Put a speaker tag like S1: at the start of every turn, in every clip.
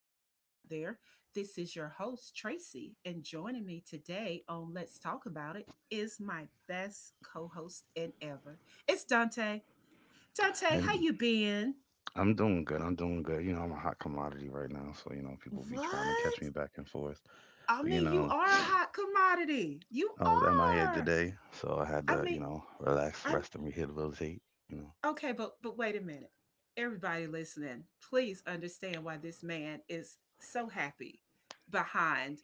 S1: listeners out there. This is your host, Tracy, and joining me today on Let's Talk About It is my best co-host in ever. It's Dante. Dante, how
S2: I'm
S1: you been?
S2: I'm doing good. I'm doing good. I'm a hot commodity right now, so people be trying to catch
S1: What?
S2: me back and forth.
S1: I
S2: But
S1: mean, you are a hot commodity. You
S2: I was MIA
S1: are.
S2: today, so I had
S1: I
S2: to,
S1: mean,
S2: relax,
S1: I
S2: rest, and rehabilitate. You know,
S1: okay, but wait a minute. Everybody listening, please understand why this man is so happy behind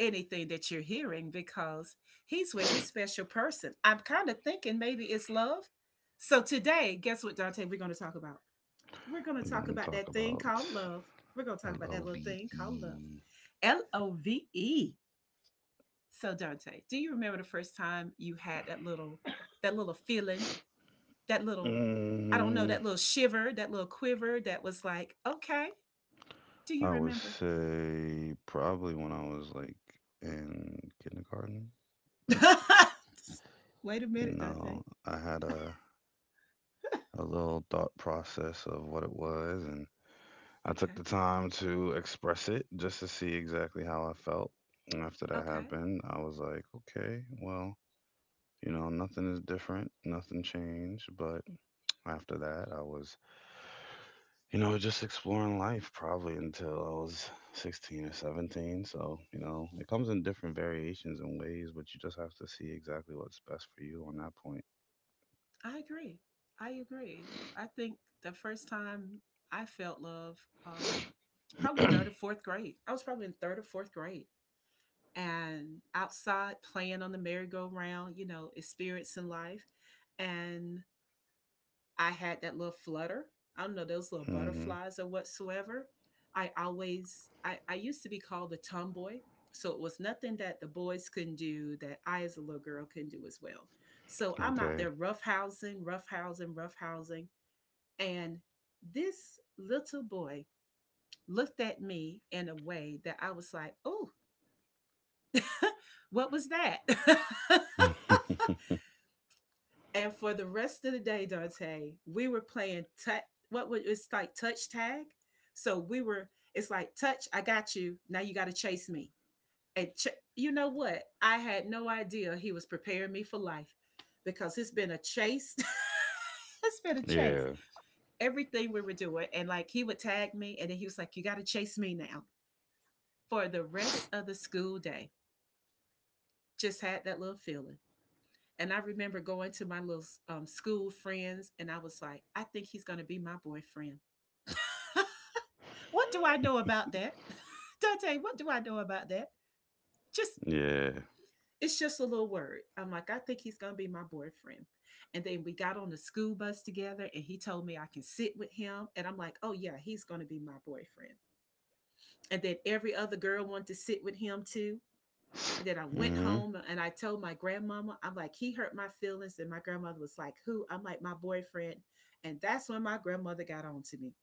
S1: anything that you're hearing because he's with his special person. I'm kind of thinking maybe it's love. So today, guess what, Dante, we're going to talk about? We're going to
S2: we're
S1: talk
S2: gonna
S1: about
S2: talk
S1: that thing
S2: about
S1: called love. We're going to talk
S2: L
S1: about
S2: O
S1: that little
S2: V
S1: thing called love.
S2: E.
S1: L O V E. So Dante, do you remember the first time you had that little feeling, that little, I don't know,
S2: Mm,
S1: that little shiver, that little quiver that was like, okay, do you
S2: I would
S1: remember?
S2: say probably when I was like in kindergarten.
S1: Wait a minute, Dante.
S2: I had a little thought process of what it was, and I took
S1: Okay.
S2: the time to express it just to see exactly how I felt. And after that
S1: Okay.
S2: happened, I was like, okay, well, nothing is different, nothing changed. But after that, I was, just exploring life probably until I was 16 or 17. So, it comes in different variations and ways, but you just have to see exactly what's best for you on that point.
S1: I agree. I agree. I think the first time I felt love, um, probably third or fourth grade. I was probably in third or fourth grade and outside playing on the merry-go-round, you know, experiencing life. And I had that little flutter. I don't know those little
S2: Hmm.
S1: butterflies or whatsoever. I used to be called a tomboy. So it was nothing that the boys couldn't do that I as a little girl couldn't do as well. So I'm out
S2: Okay.
S1: there roughhousing, roughhousing, roughhousing. And this little boy looked at me in a way that I was like, oh, what was that? And for the rest of the day, Dante, we were playing touch. What was it's like touch tag? So we were. It's like touch. I got you. Now you got to chase me. And ch- you know what? I had no idea he was preparing me for life because it's been a chase. It's been a chase.
S2: Yeah.
S1: Everything we were doing, and like he would tag me, and then he was like, "You got to chase me now." For the rest of the school day, just had that little feeling. And I remember going to my little school friends, and I was like, I think he's going to be my boyfriend. What do I know about that? Dante, what do I know about that? Just,
S2: Yeah.
S1: it's just a little word. I'm like, I think he's going to be my boyfriend. And then we got on the school bus together, and he told me I can sit with him. And I'm like, oh, yeah, he's going to be my boyfriend. And then every other girl wanted to sit with him too. And then I went
S2: Hmm.
S1: home and I told my grandmama, I'm like, he hurt my feelings. And my grandmother was like, who? I'm like, my boyfriend. And that's when my grandmother got on to me.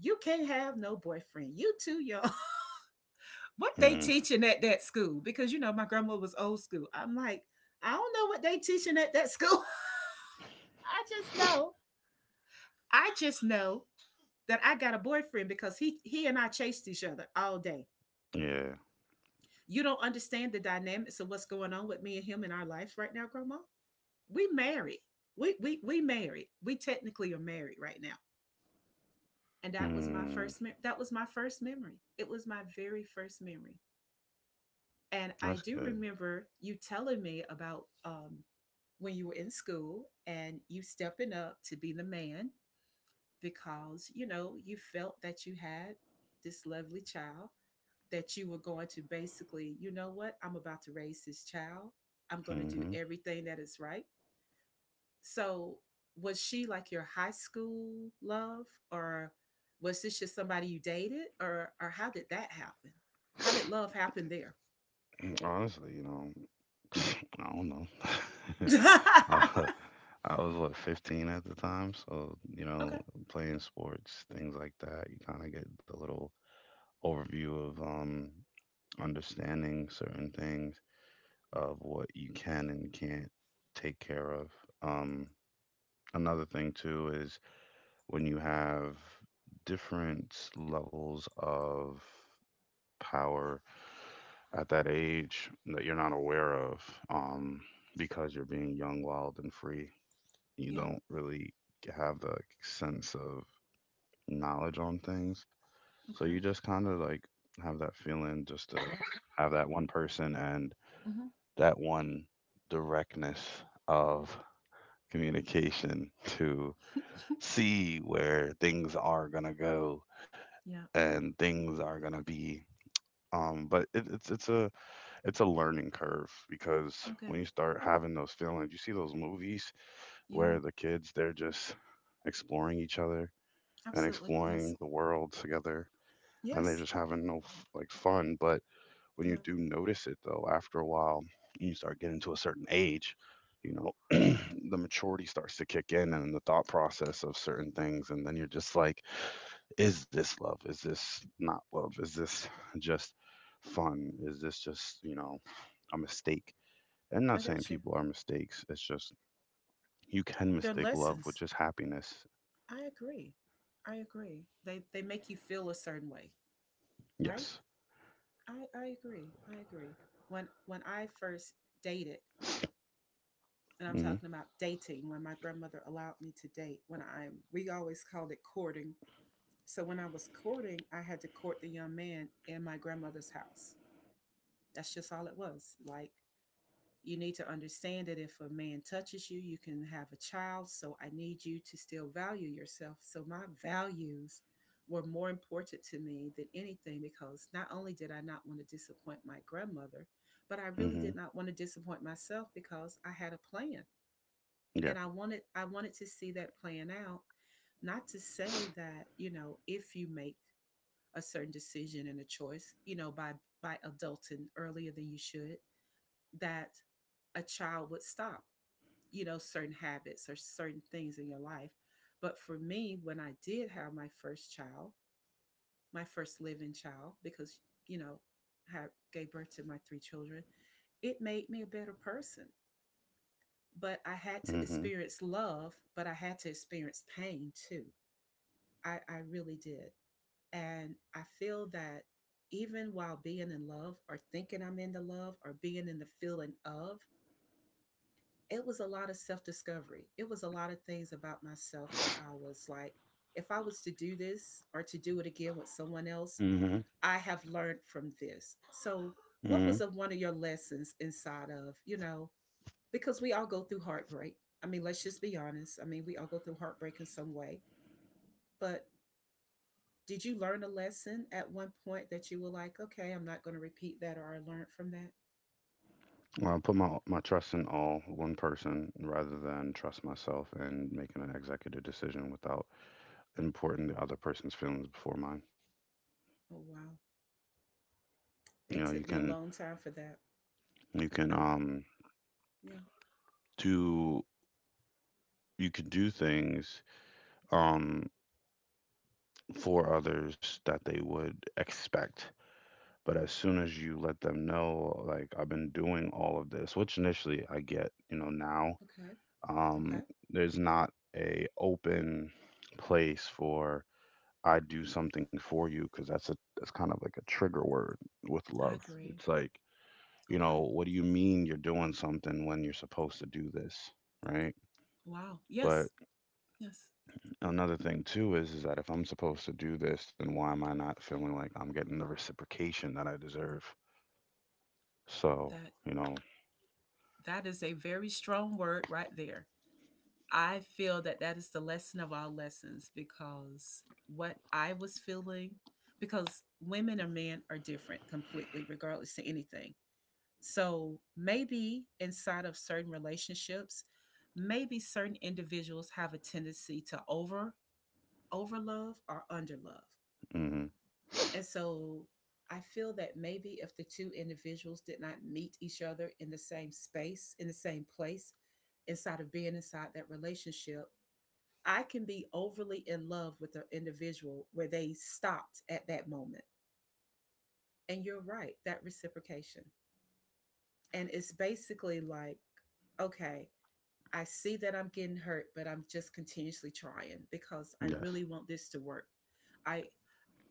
S1: You can't have no boyfriend. You too y'all. What they
S2: Mm.
S1: teaching at that school? Because you know, my grandmother was old school. I'm like, I don't know what they teaching at that school. I just know. I just know that I got a boyfriend because he and I chased each other all day.
S2: Yeah.
S1: You don't understand the dynamics of what's going on with me and him in our life right now, grandma. We married. We married. We technically are married right now. And
S2: Mm,
S1: that was my first memory. It was my very first memory. And I
S2: that's
S1: do
S2: good.
S1: remember you telling me about when you were in school and you stepping up to be the man because you know you felt that you had this lovely child that you were going to basically you know what I'm about to raise this child. I'm going to do
S2: Hmm.
S1: everything that is right. So was she like your high school love or was this just somebody you dated or how did that happen? How did love happen there?
S2: Honestly, I don't know. I, I was what 15 at the time, so
S1: Okay.
S2: playing sports, things like that, you kind of get the little overview of understanding certain things of what you can and can't take care of. Um, another thing too is when you have different levels of power at that age that you're not aware of, um, because you're being young, wild, and free. You
S1: Yeah.
S2: don't really have the, like, sense of knowledge on things. So
S1: Okay.
S2: you just kind of like have that feeling, just to have that one person and
S1: Hmm.
S2: that one directness of communication, to see where things are going to go
S1: Yeah.
S2: and things are going to be. But it's a learning curve, because
S1: Okay.
S2: when you start having those feelings, you see those movies
S1: Yeah.
S2: where the kids, they're just exploring each other and
S1: Absolutely.
S2: exploring
S1: Yes.
S2: the world together, and they're
S1: Yes.
S2: just having no f- like, fun. But when you
S1: Yeah.
S2: do notice it, though, after a while, you start getting to a certain age, you know, the maturity starts to kick in, and the thought process of certain things, and then you're just like, is this love? Is this not love? Is this just fun? Is this just, a mistake? And
S1: I
S2: not saying
S1: got you.
S2: people are mistakes. It's just, you can
S1: They're
S2: mistake love with
S1: lessons.
S2: just happiness.
S1: I agree. I agree. They make you feel a certain way, right?
S2: Yes.
S1: I agree. I agree. When I first dated, and I'm
S2: Mhm.
S1: talking about dating when my grandmother allowed me to date when I we always called it courting. So when I was courting, I had to court the young man in my grandmother's house. That's just all it was. Like you need to understand that if a man touches you, you can have a child. So I need you to still value yourself. So my values were more important to me than anything because not only did I not want to disappoint my grandmother, but I really did
S2: Mhm.
S1: not want to disappoint myself because I had a plan
S2: Yeah.
S1: and I wanted to see that playing out. Not to say that you know if you make a certain decision and a choice, you know by adulting earlier than you should, that a child would stop, you know, certain habits or certain things in your life. But for me, when I did have my first child, my first living child, because you know, had gave birth to my three children, it made me a better person. But I had to
S2: Mhm.
S1: experience love, but I had to experience pain too. I really did. And I feel that even while being in love or thinking I'm in the love or being in the feeling of, it was a lot of self discovery. It was a lot of things about myself where I was like, if I was to do this or to do it again with someone else,
S2: Mhm.
S1: I have learned from this. So, what was
S2: Mhm.
S1: one of your lessons inside of, you know, because we all go through heartbreak. I mean, let's just be honest. I mean, we all go through heartbreak in some way. But did you learn a lesson at one point that you were like, okay, I'm not going to repeat that or I learned from that?
S2: Well, I put my trust in all one person rather than trust myself and making an executive decision without importing the other person's feelings before mine.
S1: Oh, wow. It
S2: You
S1: took me a
S2: can
S1: long time for that.
S2: you can
S1: I'm, yeah,
S2: do you can do things um for others that they would expect. But as soon as you let them know, like, I've been doing all of this, which initially I get, now,
S1: okay, okay.
S2: um, there's not a open place for, I do something for you, because that's kind of like a trigger word with
S1: I
S2: love.
S1: agree.
S2: It's like,
S1: Okay.
S2: what do you mean you're doing something when you're supposed to do this, right?
S1: Wow.
S2: But
S1: Yes. Yes.
S2: another thing too is that if I'm supposed to do this, then why am I not feeling like I'm getting the reciprocation that I deserve? So,
S1: That
S2: you know,
S1: that is a very strong word right there. I feel that that is the lesson of all lessons because what I was feeling, because women or men are different completely, regardless to anything. So maybe inside of certain relationships, maybe certain individuals have a tendency to over love or under love.
S2: Mm-hmm.
S1: And so I feel that maybe if the two individuals did not meet each other in the same space, in the same place, inside of being inside that relationship, I can be overly in love with an individual where they stopped at that moment. And you're right, that reciprocation. And it's basically like, okay, I see that I'm getting hurt, but I'm just continuously trying because I
S2: Yes.
S1: really want this to work. I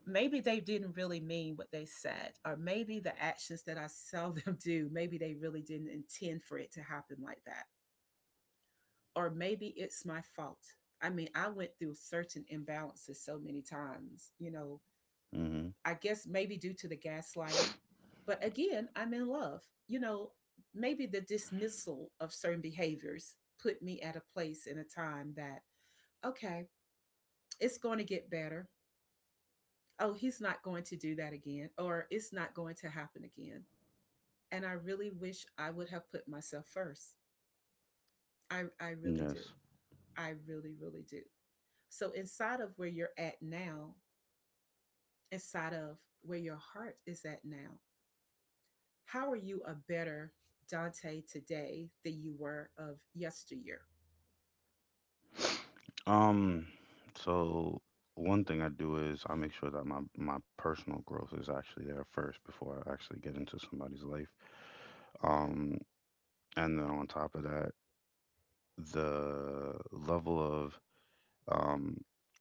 S1: maybe they didn't really mean what they said, or maybe the actions that I saw them do, maybe they really didn't intend for it to happen like that. Or maybe it's my fault. I mean, I went through certain imbalances so many times, you know,
S2: Mm-hmm.
S1: I guess maybe due to the gaslighting. But again, I'm in love. You know, maybe the dismissal of certain behaviors put me at a place in a time that, okay, it's going to get better. Oh, he's not going to do that again, or it's not going to happen again. And I really wish I would have put myself first. I really do.
S2: Yes.
S1: I really, really do. So, inside of where you're at now, inside of where your heart is at now, how are you a better Dante today than you were of yesteryear?
S2: Um, so one thing I do is I make sure that my personal growth is actually there first before I actually get into somebody's life.
S1: Okay.
S2: Um, and then on top of that, the level of, um,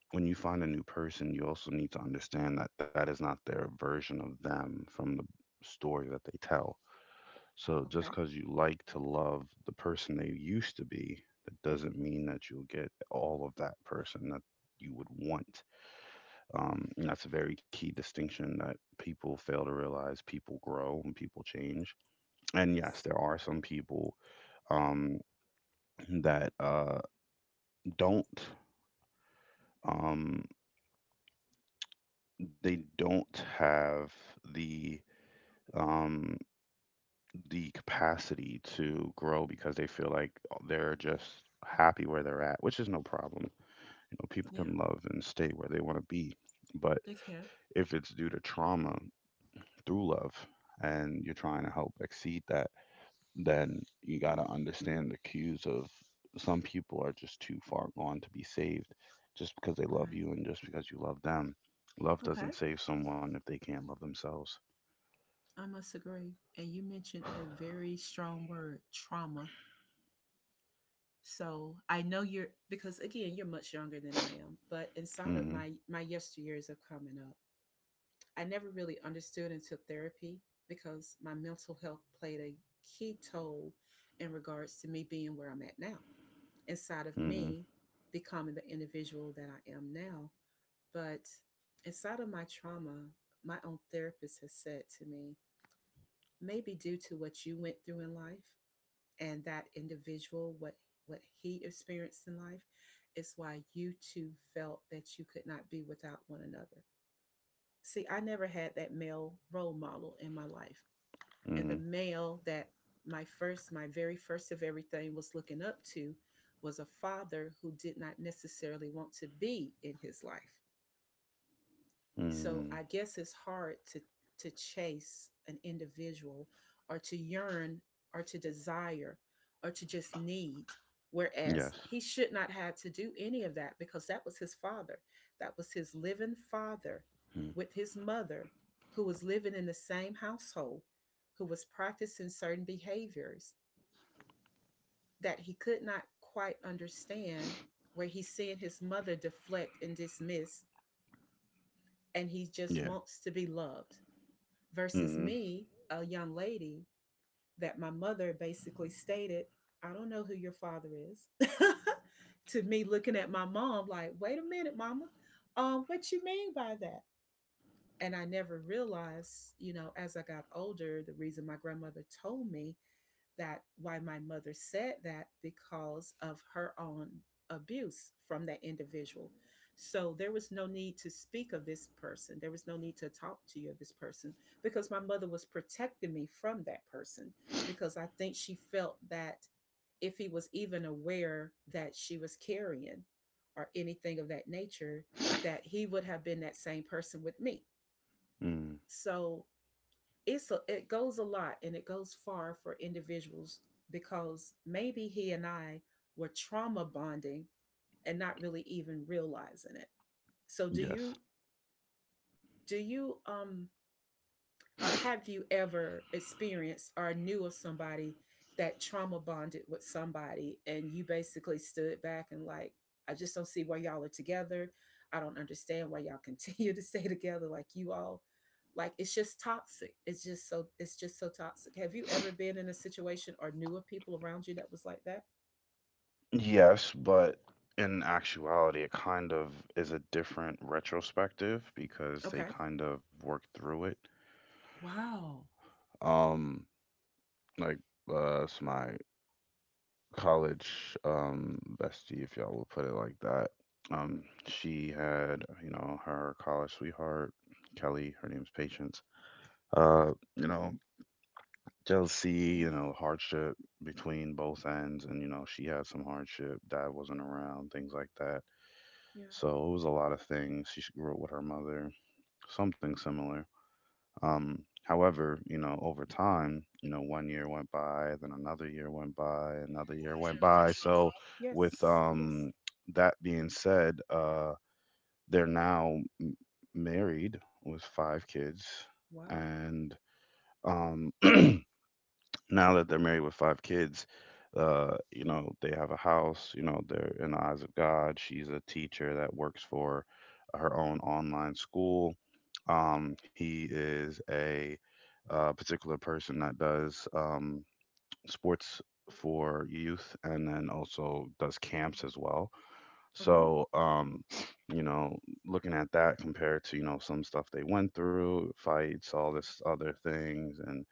S2: when you find a new person, you also need to understand that that is not their version of them from the story that they tell. So just
S1: Okay.
S2: because you like to love the person they used to be, that doesn't mean that you'll get all of that person that you would want. And that's a very key distinction that people fail to realize. People grow and people change. And yes,
S1: Yes.
S2: there are some people, um, that don't. Um, they don't have the um the capacity to grow because they feel like, they're just happy where they're at, which is no problem. Know, people
S1: Yeah.
S2: can love and stay where they want to be. But
S1: They can.
S2: if it's due to trauma through love and you're trying to help exceed that, then you got to understand the cues of, some people are just too far gone to be saved, just because they
S1: Okay.
S2: love you and just because you love them. Love
S1: Okay.
S2: doesn't save someone if they can't love themselves.
S1: I must agree. And you mentioned a very strong word, trauma. So I know you're because again, you're much younger than I am, but inside of
S2: Hmm.
S1: my yesteryears of coming up, I never really understood until therapy because my mental health played a key toll in regards to me being where I'm at now. Inside of
S2: Hmm.
S1: me becoming the individual that I am now. But inside of my trauma, my own therapist has said to me, maybe due to what you went through in life and that individual, what he experienced in life, is why you two felt that you could not be without one another. See, I never had that male role model in my life. And the
S2: Hmm.
S1: male that my first, my very first of everything was looking up to was a father who did not necessarily want to be in his life. So
S2: Hmm.
S1: I guess it's hard to chase an individual or to yearn or to desire or to just need whereas
S2: Yes.
S1: he should not have to do any of that because that was his father. That was his living father
S2: Mm.
S1: with his mother, who was living in the same household, who was practicing certain behaviors that he could not quite understand, where he's seeing his mother deflect and dismiss, and he just
S2: Yeah.
S1: wants to be loved. Versus
S2: Hmm.
S1: me, a young lady, that my mother basically stated, "I don't know who your father is." To me, looking at my mom, like, wait a minute, mama, what you mean by that? And I never realized, as I got older, the reason my grandmother told me that why my mother said that because of her own abuse from that individual. So there was no need to speak of this person. There was no need to talk to you of this person, because my mother was protecting me from that person, because I think she felt that if he was even aware that she was carrying or anything of that nature, that he would have been that same person with me.
S2: Hmm.
S1: So it goes a lot and it goes far for individuals, because maybe he and I were trauma bonding and not really even realizing it. So do you
S2: Yes.
S1: do you or have you ever experienced or knew of somebody that trauma bonded with somebody, and you basically stood back and like, I just don't see why y'all are together. I don't understand why y'all continue to stay together, like, you all, like, it's just toxic. It's just so toxic. Have you ever been in a situation or knew of people around you that was like that?
S2: Yes, but in actuality, it kind of is a different retrospective, because
S1: Okay.
S2: they kind of worked through it.
S1: Wow.
S2: Um, like, it's my college bestie, if y'all will put it like that. She had, her college sweetheart. Kelly, her name's Patience. Uh, you know, jealousy,
S1: Yes.
S2: hardship between both ends, and she had some hardship. Dad wasn't around, things like that.
S1: Yeah.
S2: So it was a lot of things. She grew up with her mother, something similar. However, over time, one year went by, then another year went by, another year went by. So,
S1: Yes.
S2: with,
S1: Yes.
S2: that being said, they're now married with five kids.
S1: Wow.
S2: And, um, now that they're married with five kids, they have a house, they're in the eyes of God. She's a teacher that works for her own online school. He is a particular person that does, sports for youth, and then also does camps
S1: Wow.
S2: as well.
S1: Uh-huh.
S2: So, you know, looking at that compared to, some stuff they went through, fights, all this other things, and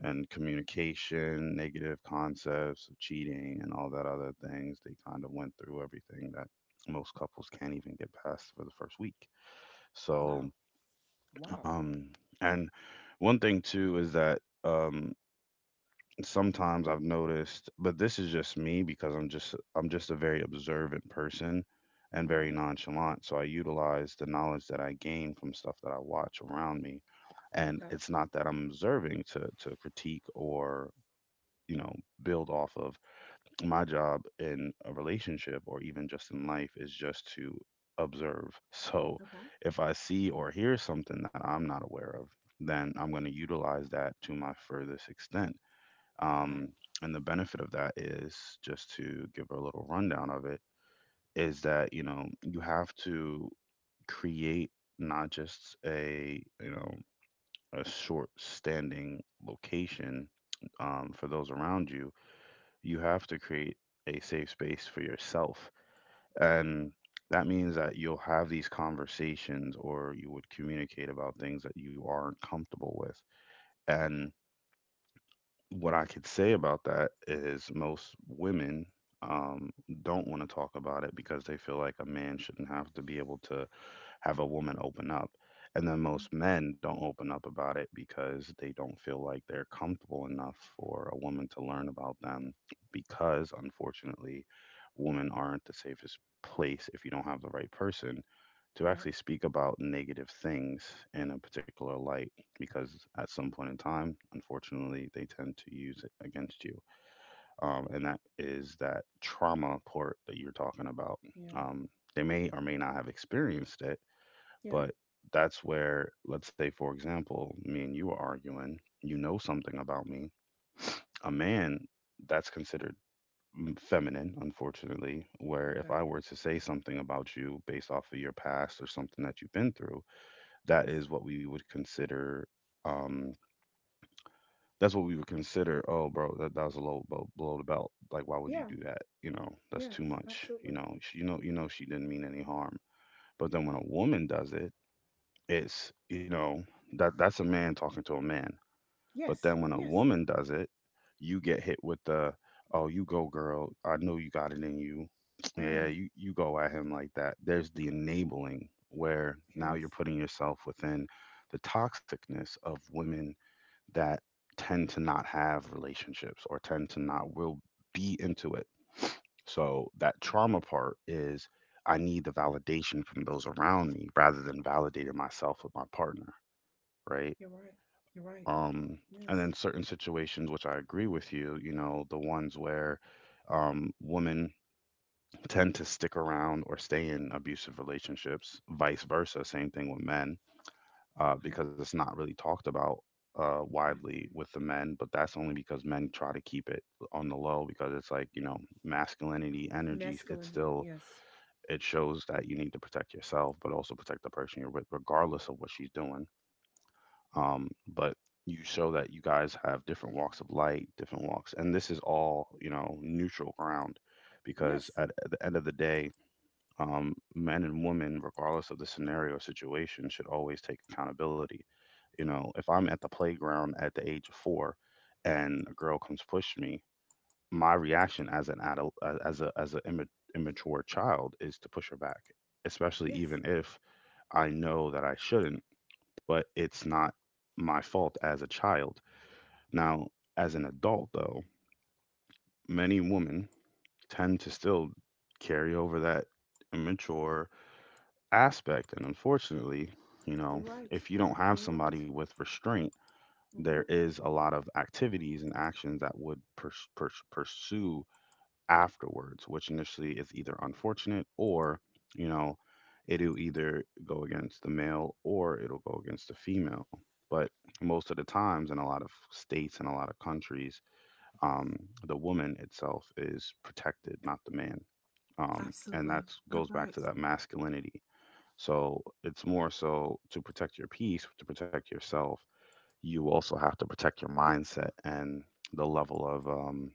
S2: communication, negative concepts of cheating, and all that other things. They kind of went through everything that most couples can't even get past for the first week.
S1: Wow.
S2: So,
S1: Wow.
S2: um, and one thing too is that, sometimes I've noticed, but this is just me, because I'm just a very observant person and very
S1: Hmm.
S2: nonchalant. So I utilize the knowledge that I gain from stuff that I watch around me, and
S1: Okay.
S2: it's not that I'm observing to critique or, you know build off of. My job in a relationship, or even just in life, is just to observe. So
S1: Okay.
S2: if I see or hear something that I'm not aware of, then I'm going to utilize that to my furthest extent. um,
S1: Okay.
S2: and the benefit of that, is just to give a little rundown of it, is that, you have to create not just a you know a short standing location, for those around you. You have to create a safe space for yourself. And
S1: Mm.
S2: that means that you'll have these conversations, or you would communicate about things that you aren't comfortable with. And
S1: Okay.
S2: what I could say about that is, most women, um, don't want to talk about it because they feel like a man shouldn't have to be able to have a woman open up. And then
S1: Mm.
S2: most men don't open up about it because they don't feel like they're comfortable enough for a woman to learn about them, because unfortunately, women aren't the safest place if you don't have the right person to
S1: Yeah.
S2: actually speak about negative things in a particular light, because at some point in time, unfortunately, they tend to use it against you. And that is that trauma part that you're talking about.
S1: Yeah.
S2: Um, they may or may not have experienced it,
S1: Yeah.
S2: but that's where, let's say, for example, me and you are arguing, you know something about me. A man, that's considered feminine, unfortunately, where if
S1: Okay.
S2: I were to say something about you based off of your past or something that you've been through, that
S1: Yes.
S2: is what we would consider, um, that's what we would consider, oh, bro, that was a low blow, below the belt. Like, why would
S1: Yeah.
S2: you do that? That's too
S1: Yes.
S2: much.
S1: Absolutely.
S2: You know, she didn't mean any harm. But then when a woman does it, it's, you know, that that's a man talking to a man. But
S1: Yes.
S2: then when a
S1: Yes.
S2: woman does it, you get hit with the, oh, you go, girl. I know you got it in you. Yeah,
S1: Mm.
S2: you go at him like that. There's the enabling, where now you're
S1: Yes.
S2: putting yourself within the toxicness of women that tend to not have relationships or tend to not will be into it. So that
S1: Yes.
S2: trauma part is, I need the validation from those around me rather than validating myself with my partner, right?
S1: You're right. You're right.
S2: Um, and then
S1: Yes.
S2: certain situations, which I agree with you, you know, the ones where women tend to stick around or stay in abusive relationships, vice versa, same thing with men
S1: Okay.
S2: because it's not really talked about
S1: I
S2: widely
S1: agree.
S2: with the men, but that's only because men try to keep it on the low because it's like, you know, masculinity, energy, it's
S1: Masculinity.
S2: still,
S1: Yes.
S2: it shows that you need to protect yourself, but also protect the person you're with, regardless of what she's doing. But you show that you guys have different walks of light, different walks. And this is all, you know, neutral ground because
S1: Yes.
S2: at the end of the day, men and women, regardless of the scenario or situation, should always take accountability, you know, if I'm at the playground at the age of four and a girl comes push me, my reaction as an adult a- as a as a imma- immature child is to push her back, especially
S1: Yes.
S2: even if I know that I shouldn't, but it's not my fault as a child. Now, as an adult though, many women tend to still carry over that immature aspect and, unfortunately, you
S1: You're
S2: know,
S1: right.
S2: if you don't have
S1: You're right.
S2: somebody with restraint,
S1: Mm-hmm.
S2: there is a lot of activities and actions that would pursue afterwards, which initially is either unfortunate or, you know, it'll either go against the male or it'll go against the female. But most of the times, in a lot of states and a lot of countries, um, the woman itself is protected, not the man. And that
S1: Absolutely. You're
S2: goes back to
S1: right.
S2: that masculinity. So it's more so to protect your peace, to protect yourself, you also have to protect your mindset and the level of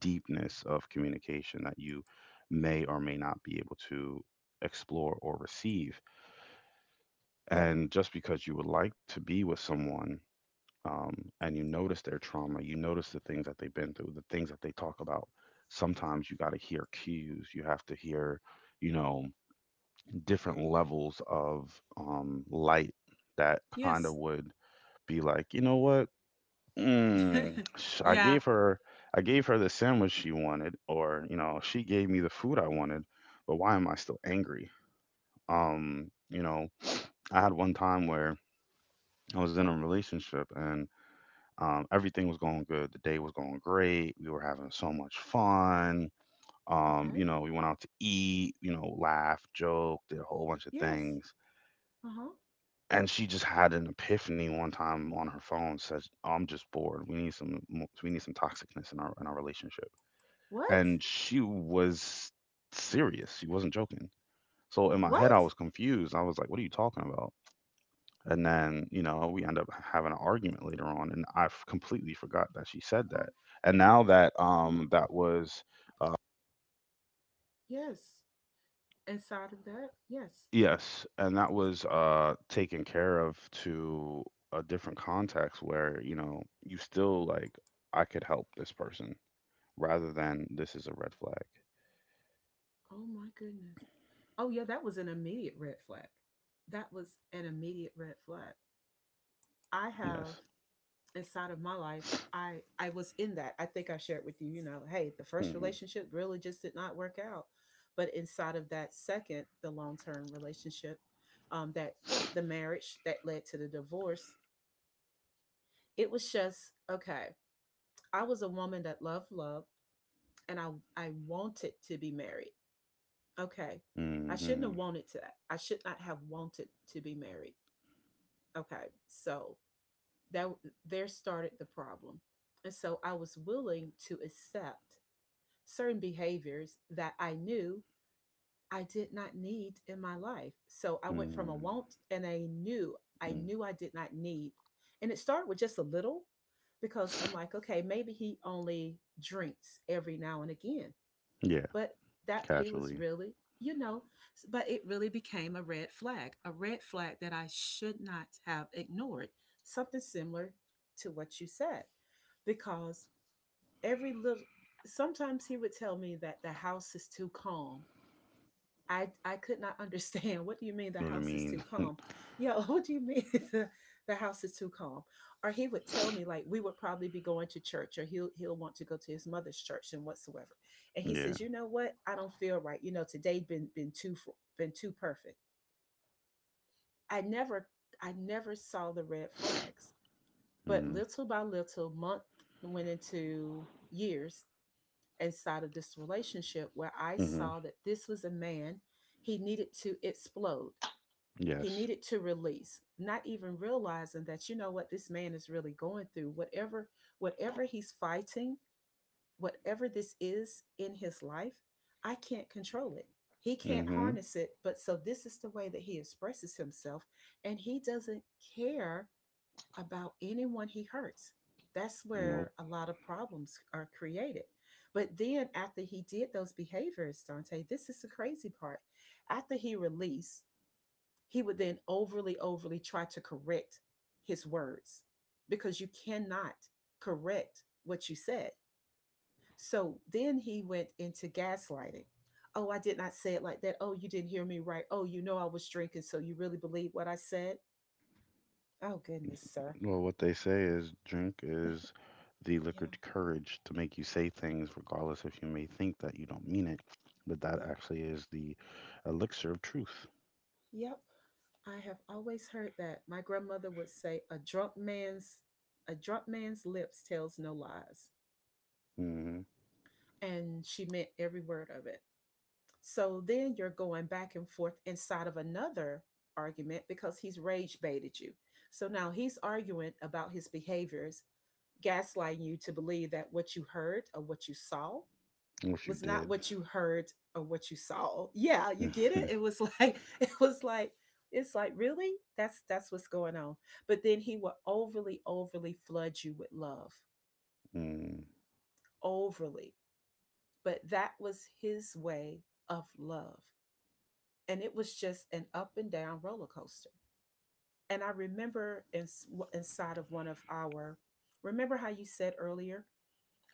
S2: deepness of communication that you may or may not be able to explore or receive. And just because you would like to be with someone, and you notice their trauma, you notice the things that they've been through, the things that they talk about, sometimes you got to hear cues. You have to hear, you know, different levels of light that kind of
S1: Yes.
S2: would be like, you know what? Mm, sh- I
S1: Yeah.
S2: gave her I gave her the sandwich she wanted, or you know, she gave me the food I wanted, but why am I still angry? You know, I had one time where I was in a relationship and, everything was going good. The day was going great. We were having so much fun. You
S1: Okay.
S2: know, we went out to eat, you know, laugh, joke, did a whole bunch of
S1: Yes.
S2: things.
S1: Uh huh.
S2: And she just had an epiphany one time on her phone, said, "I'm just bored. We need some, we need some toxicness in our relationship."
S1: What?
S2: And she was serious. She wasn't joking. So in my head, I
S1: What?
S2: was confused. I was like, "What are you talking about?" And then you know we end up having an argument later on, and completely forgot that she said that. And now that that was uh,
S1: Yes. Inside of that, yes.
S2: yes, and that was taken care of to a different context where you know you still like I could help this person rather than this is a red flag.
S1: Oh my goodness. Oh yeah, that was an immediate red flag. That was an immediate red flag. I have
S2: Yes.
S1: inside of my life, I was in that. I think I shared with you, hey, the first
S2: Hmm.
S1: relationship really just did not work out. But inside of that second, the long-term relationship, that the marriage that led to the divorce, it was just okay. I was a woman that loved love, and I wanted to be married. Okay. I shouldn't have
S2: Hmm.
S1: wanted to. I should not have wanted to be married. Okay. So that, there started the problem. And so I was willing to accept certain behaviors that I knew I did not need in my life. So I went from a
S2: Hmm.
S1: want and a knew I did not need. And it started with just a little, because I'm like, okay, maybe he only drinks every now and again,
S2: Yeah.
S1: but that he was
S2: Casually.
S1: really, you know, but it really became a red flag that I should not have ignored. Something similar to what you said, because every little, sometimes he would tell me that the house is too calm. I could not understand. What do you mean the
S2: You know what I
S1: house is too
S2: mean?
S1: calm? Yo, what do you mean the, the house is too calm? Or he would tell me like we would probably be going to church, or he'll want to go to his mother's church and whatsoever. And he says,
S2: yeah.
S1: "You know what? I don't feel right. Today been too perfect." I never I never saw the red flags. But
S2: Mm-hmm.
S1: little by little, month went into years inside of this relationship, where I
S2: Hmm.
S1: saw that this was a man, he needed to explode. He
S2: Yes.
S1: needed to release, not even realizing that, you know what this man is really going through, whatever he's fighting, whatever this is in his life, I can't control it. He can't
S2: Mm-hmm.
S1: harness it, but so this is the way that he expresses himself, and he doesn't care about anyone he hurts. That's where
S2: Nope.
S1: a lot of problems are created. But then after he did those behaviors, Dante, this is the crazy part. After he released, he would then overly, overly try to correct his words, because you cannot correct what you said. So then he went into gaslighting. Oh, I did not say it like that. Oh, you didn't hear me right. Oh, you know I was drinking, so you really believe what I said? Oh, goodness, sir.
S2: Well, what they say is drink is the
S1: Yeah,
S2: liquor to courage to make you say things, regardless if you may think that you don't mean it. But that
S1: yep,
S2: actually is the elixir of truth.
S1: yep. I have always heard that. My grandmother would say, "A drunk man's, a drunk man's lips tells no lies."
S2: Mm-hmm.
S1: And she meant every word of it. So then you're going back and forth inside of another argument because he's rage baited you. So now he's arguing about his behaviors, gaslighting you to believe that what you heard or what you saw
S2: What you
S1: was not
S2: did.
S1: what you heard or what you saw. Yeah, you get it? It was like it was like it's like really, that's what's going on. But then he will overly, overly flood you with love.
S2: Mm-hmm.
S1: Overly. But that was his way of love. And it was just an up and down roller coaster. And I remember inside of one of our, remember how you said earlier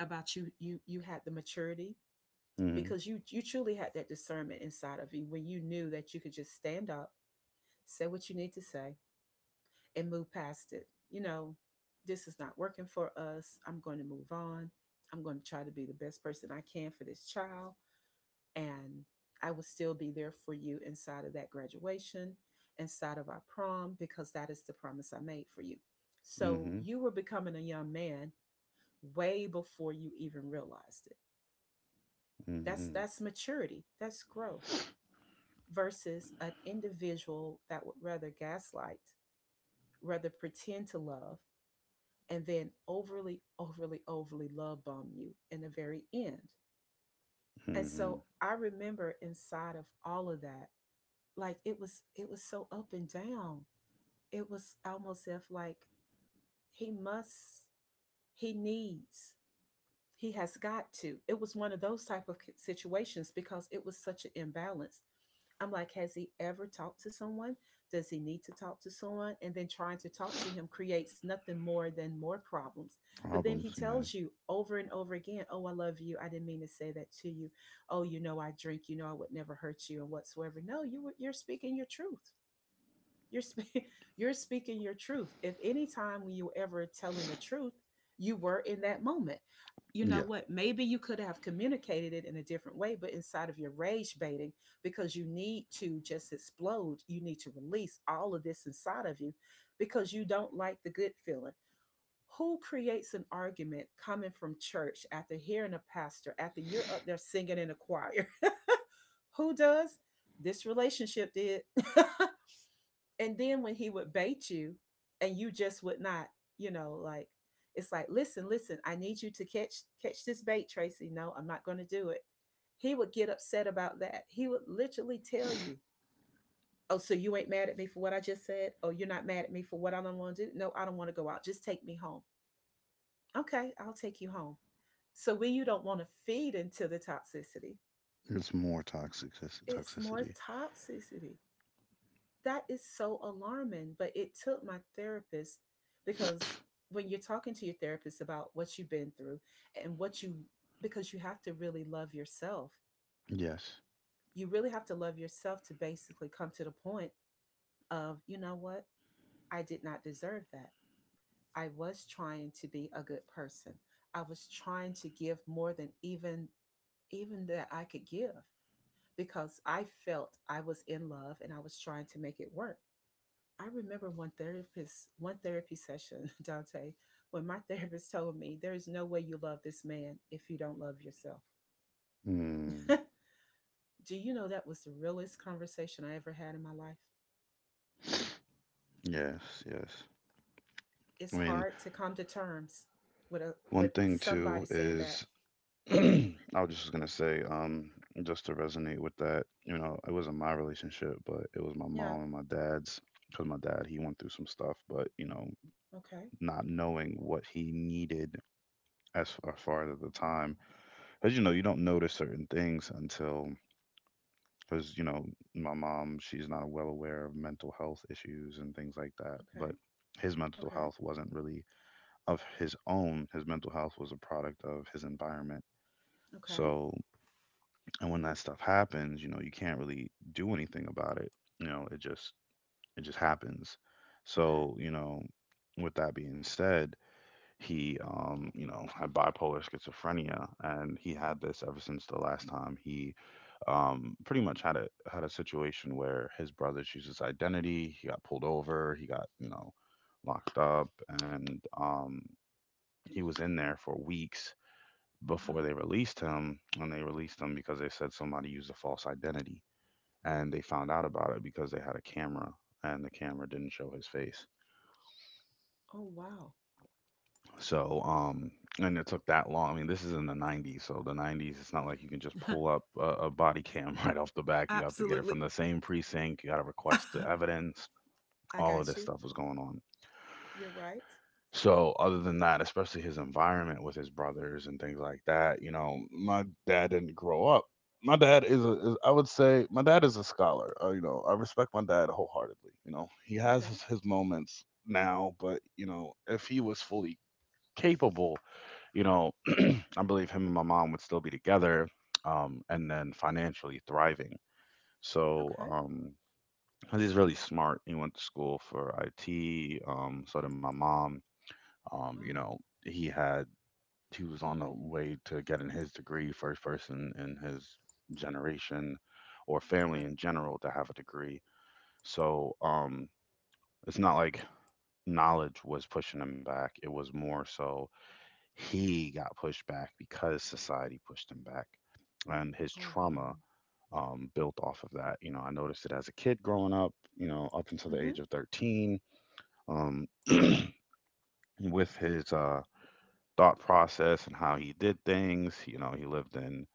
S1: about you had the maturity,
S2: Mm-hmm.
S1: because you truly had that discernment inside of you, when you knew that you could just stand up, say what you need to say, and move past it. This is not working for us. I'm going to move on. I'm going to try to be the best person I can for this child. And I will still be there for you inside of that graduation, inside of our prom, because that is the promise I made for you. So
S2: Mm-hmm.
S1: you were becoming a young man way before you even realized it. That's
S2: Mm-hmm.
S1: that's maturity, that's growth versus an individual that would rather gaslight, rather pretend to love, and then overly, overly, overly love bomb you in the very end. And
S2: Mm-hmm.
S1: so I remember inside of all of that, like, it was so up and down, it was almost if like, he must, he needs, he has got to, it was one of those type of situations because it was such an imbalance. I'm like, has he ever talked to someone? Does he need to talk to someone? And then trying to talk to him creates nothing more than more problems. But then he
S2: Problems. Yeah.
S1: tells you over and over again, oh, I love you, I didn't mean to say that to you. Oh, I drink, you know I would never hurt you, and whatsoever. No, you're speaking your truth. you're spe- you're speaking your truth. If any time when you were ever telling the truth, you were in that moment. You know
S2: Yeah.
S1: what? Maybe you could have communicated it in a different way, but inside of your rage baiting, because you need to just explode. You need to release all of this inside of you because you don't like the good feeling. Who creates an argument coming from church after hearing a pastor, after you're up there singing in a choir? Who does? This relationship did. And then when he would bait you and you just would not, like, it's like, listen, I need you to catch, this bait, Tracy. No, I'm not going to do it. He would get upset about that. He would literally tell you, oh, so you ain't mad at me for what I just said? Oh, you're not mad at me for what I don't want to do? No, I don't want to go out, just take me home. Okay, I'll take you home. So when you don't want to feed into the toxicity,
S2: It's more toxic
S1: it's more
S2: toxicity.
S1: toxicity. That is so alarming. But it took my therapist, because when you're talking to your therapist about what you've been through and what you, because you have to really love yourself,
S2: Yes.
S1: you really have to love yourself to basically come to the point of, you know what? I did not deserve that. I was trying to be a good person. I was trying to give more than even, that I could give, because I felt I was in love and I was trying to make it work. I remember one therapist, one therapy session, Dante, when my therapist told me, there is no way you love this man if you don't love yourself.
S2: Mm.
S1: Do you know that was the realest conversation I ever had in my life?
S2: Yes, yes. I
S1: It's
S2: mean,
S1: hard to come to terms with a,
S2: one
S1: with
S2: thing too
S1: somebody saying that.
S2: is I was just gonna say, just to resonate with that, you know, it wasn't my relationship, but it was my
S1: Yeah,
S2: mom and my dad's, because my dad he went through some stuff, but you know,
S1: okay,
S2: not knowing what he needed as as far as at the time, because you know, you don't notice certain things until, because you know, my mom she's not well aware of mental health issues and things like that,
S1: okay,
S2: but his mental
S1: okay,
S2: health wasn't really of his own. His mental health was a product of his environment.
S1: okay,
S2: So, and when that stuff happens, you know, you can't really do anything about it. You know, it just happens.
S1: okay.
S2: So, you know, with that being said, he you know, had bipolar schizophrenia and he
S1: Mhm.
S2: had this ever since the last time he pretty much had a situation where his brother changed his identity, he got pulled over, he got, you know, locked up and he was in there for weeks before they
S1: Wow.
S2: released him, and they released him because they said somebody used a false identity, and they found out about it because they had a camera, and the camera didn't show his face.
S1: Oh wow.
S2: So, and it took that long. I mean, this is in the '90s, so the '90s. It's not like you can just pull up a body cam right off the back. You have to get it
S1: Absolutely.
S2: from the same precinct. You got to
S1: I
S2: request the evidence. All of
S1: got
S2: this
S1: you.
S2: stuff was going on.
S1: You're right.
S2: So other than that, especially his environment with his brothers and things like that, you know, my dad didn't grow up. My dad is, I would say, my dad is a scholar. You know, I respect my dad wholeheartedly. You know, he has
S1: Okay.
S2: his moments now, but you know, if he was fully capable, you know, I believe him and my mom would still be together, and then financially thriving. So
S1: Okay.
S2: he's really smart. He went to school for IT. So did my mom, you
S1: Wow.
S2: know, he had he was on the way to getting his degree, first person in his generation or family
S1: Okay.
S2: in general to have a degree. So it's not like knowledge was pushing him back. It was more so he got pushed back because society pushed him back and his
S1: Oh
S2: trauma,
S1: wow.
S2: built off of that. You know, I noticed it as a kid growing up, you know, up until the
S1: Mm-hmm.
S2: age of 13, um, with his thought process and how he did things. You know, he lived in,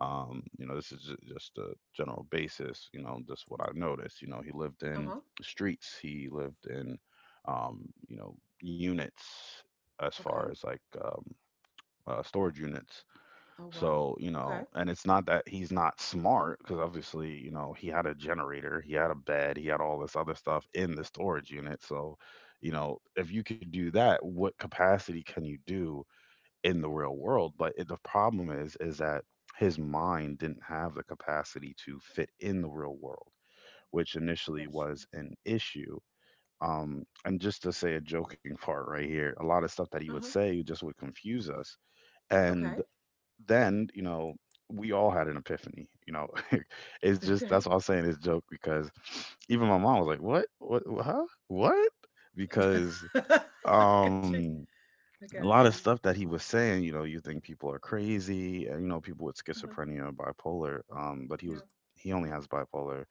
S2: you know, this is just a general basis, you know, just what I noticed. You know, he lived in
S1: Uh-huh.
S2: streets, he lived in, you know, units as far
S1: Okay.
S2: as like, storage units.
S1: Oh wow.
S2: So, you
S1: Okay.
S2: know,
S1: I
S2: and it's not that he's not smart because obviously, you know, he had a generator, he had a bed, he had all this other stuff in the storage unit. So, you know, if you could do that, what capacity can you do in the real world. But the problem is that his mind didn't have the capacity to fit in the real world, which initially
S1: got you.
S2: was an issue. And just to say a joking part right here, a lot of stuff that he
S1: Uh
S2: would
S1: huh.
S2: say just would confuse us. And
S1: Okay.
S2: then, you know, we all had an epiphany. You know, it's just
S1: Okay.
S2: that's all I'm saying is joke because even my mom was like, "What? What? Huh? What?" Because
S1: I got you.
S2: um
S1: I
S2: a
S1: got
S2: lot of
S1: you.
S2: stuff that he was saying, you know, you think people are crazy, and you know, people with
S1: Uh huh.
S2: schizophrenia, bipolar. But
S1: Yep.
S2: he only has bipolar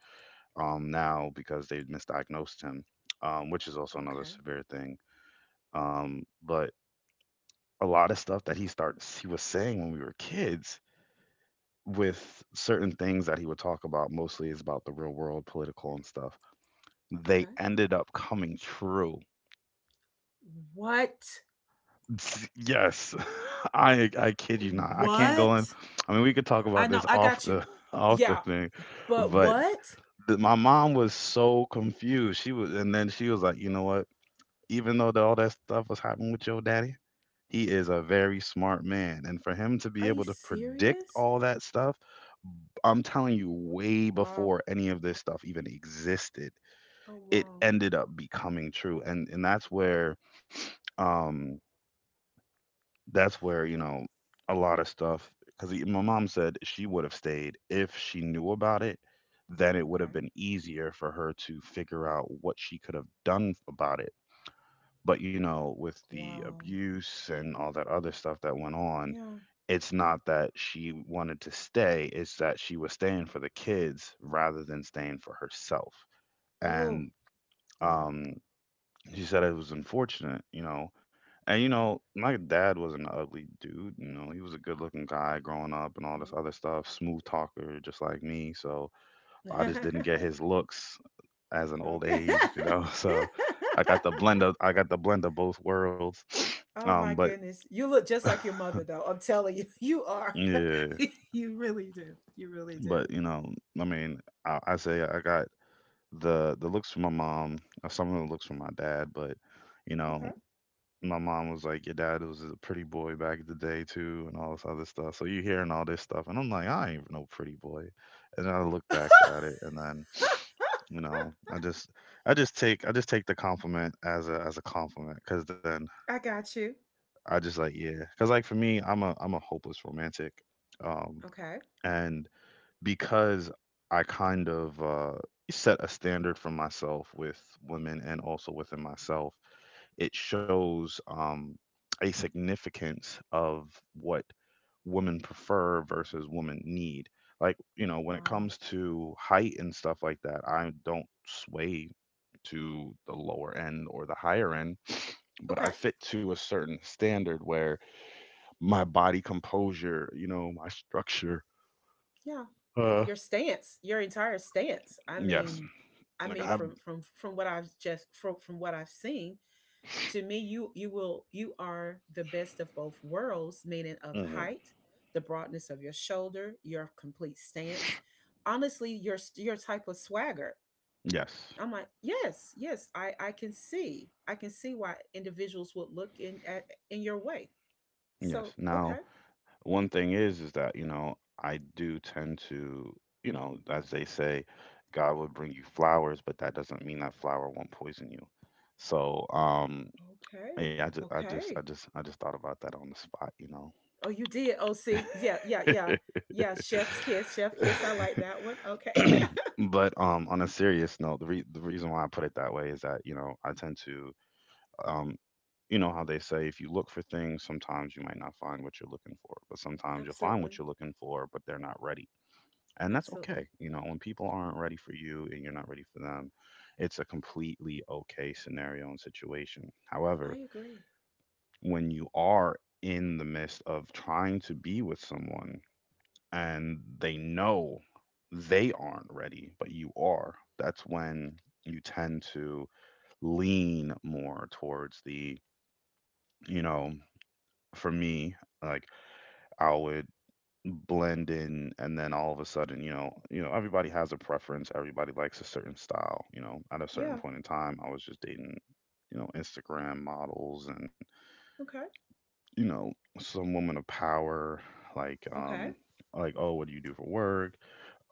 S2: now because they misdiagnosed him, which is also another
S1: Okay.
S2: severe thing. But a lot of stuff that he was saying when we were kids with certain things that he would talk about mostly is about the real world political and stuff they
S1: Okay.
S2: ended up coming true.
S1: What?
S2: S Yes. I kid you not. I can't go in
S1: What?
S2: I mean, we could talk
S1: I
S2: about
S1: know.
S2: this
S1: I
S2: off
S1: got you.
S2: the off the
S1: Yeah.
S2: thing,
S1: But
S2: but
S1: what?
S2: th my mom was so confused. She was and Then she was like, "You know what? Even though that all that stuff was happening with your daddy, he is a very smart man, and for him to be
S1: Are you
S2: able to predict
S1: serious?
S2: all that stuff, I'm telling you, way
S1: Wow.
S2: before any of this stuff even existed,
S1: Oh
S2: it
S1: wow.
S2: ended up becoming true." And um that's where you know a lot of stuff because my mom said she would have stayed if she knew about it, then it would have
S1: Okay.
S2: been easier for her to figure out what she could have done about it, but you know with the
S1: Wow.
S2: abuse and all that other stuff that went on,
S1: Yeah.
S2: it's not that she wanted to stay, it's that she was staying for the kids rather than staying for herself
S1: Oh.
S2: and,
S1: Yeah.
S2: um she said it was unfortunate, you know. And you know, my dad was an ugly dude, you know, he was a good looking guy growing up and all this other stuff, smooth talker, just like me. So I just didn't get
S1: Mhm.
S2: his looks as an old
S1: okay.
S2: age, you know. So I got the blend of I got the blend of both worlds.
S1: Oh my
S2: But
S1: goodness. You look just like your mother though. I'm telling you. You are.
S2: yeah,
S1: you really do. You really do.
S2: but you know, I mean, I say I got the looks from my mom, some of the looks from my dad, but you
S1: Okay.
S2: know, my mom was like, "Your dad was a pretty boy back in the day too," and all this other stuff. So you hearing all this stuff, and I'm like, "I ain't no pretty boy." And then I look back at it, and then, you know, I just take the compliment as a compliment, because then
S1: I got you.
S2: I just like, yeah, because like for me, I'm a hopeless romantic, um,
S1: Okay.
S2: and because I kind of set a standard for myself with women and also within myself. It shows a significance of what women prefer versus women need. Like, you know, when it
S1: Wow.
S2: comes to height and stuff like that, I don't sway to the lower end or the higher end, but
S1: Okay.
S2: I fit to a certain standard where my body composure, you know, my structure.
S1: Yeah.
S2: Uh,
S1: Your stance, your entire stance.
S2: yes.
S1: I mean
S2: Like I have.
S1: from what I've just from what I've seen, to me you are the best of both worlds, meaning of
S2: Mhm.
S1: height, the broadness of your shoulder, your complete stance. Honestly, your type of swagger
S2: Yes.
S1: I'm like, yes, yes, I can see. I can see why individuals would look in at in your way.
S2: Yes.
S1: So
S2: Now,
S1: okay,
S2: one thing is that, you know, I do tend to, you know, as they say, God will bring you flowers, but that doesn't mean that flower won't poison you. So
S1: okay,
S2: yeah, i just i just i
S1: okay.
S2: just i just thought about that on the spot, you
S1: Oh, you did. Oh, see, yeah, yeah, yeah, yeah. Chef's kiss, chef
S2: know.
S1: kiss. I like that one. Okay.
S2: But on a serious note, the reason why I put it that way is that, you know, I tend to um you know how they say if you look for things sometimes you might not find what you're looking for, but sometimes you'll find
S1: Absolutely.
S2: what you're looking for, but they're not ready. And that's okay.
S1: Absolutely.
S2: You know, when people aren't ready for you and you're not ready for them, it's a completely okay scenario and situation.
S1: I
S2: However,
S1: agree.
S2: when you are in the midst of trying to be with someone and they know they aren't ready, but you are, that's when you tend to lean more towards the, you know, for me, like I would blend in. And then all of a sudden, you know, you know, everybody has a preference, everybody likes a certain style. You know, at a
S1: Yeah.
S2: certain point in time, I was just dating, you know, Instagram models and,
S1: Okay.
S2: you know, some woman of power, like
S1: Okay.
S2: like, "Oh, what do you do for work?"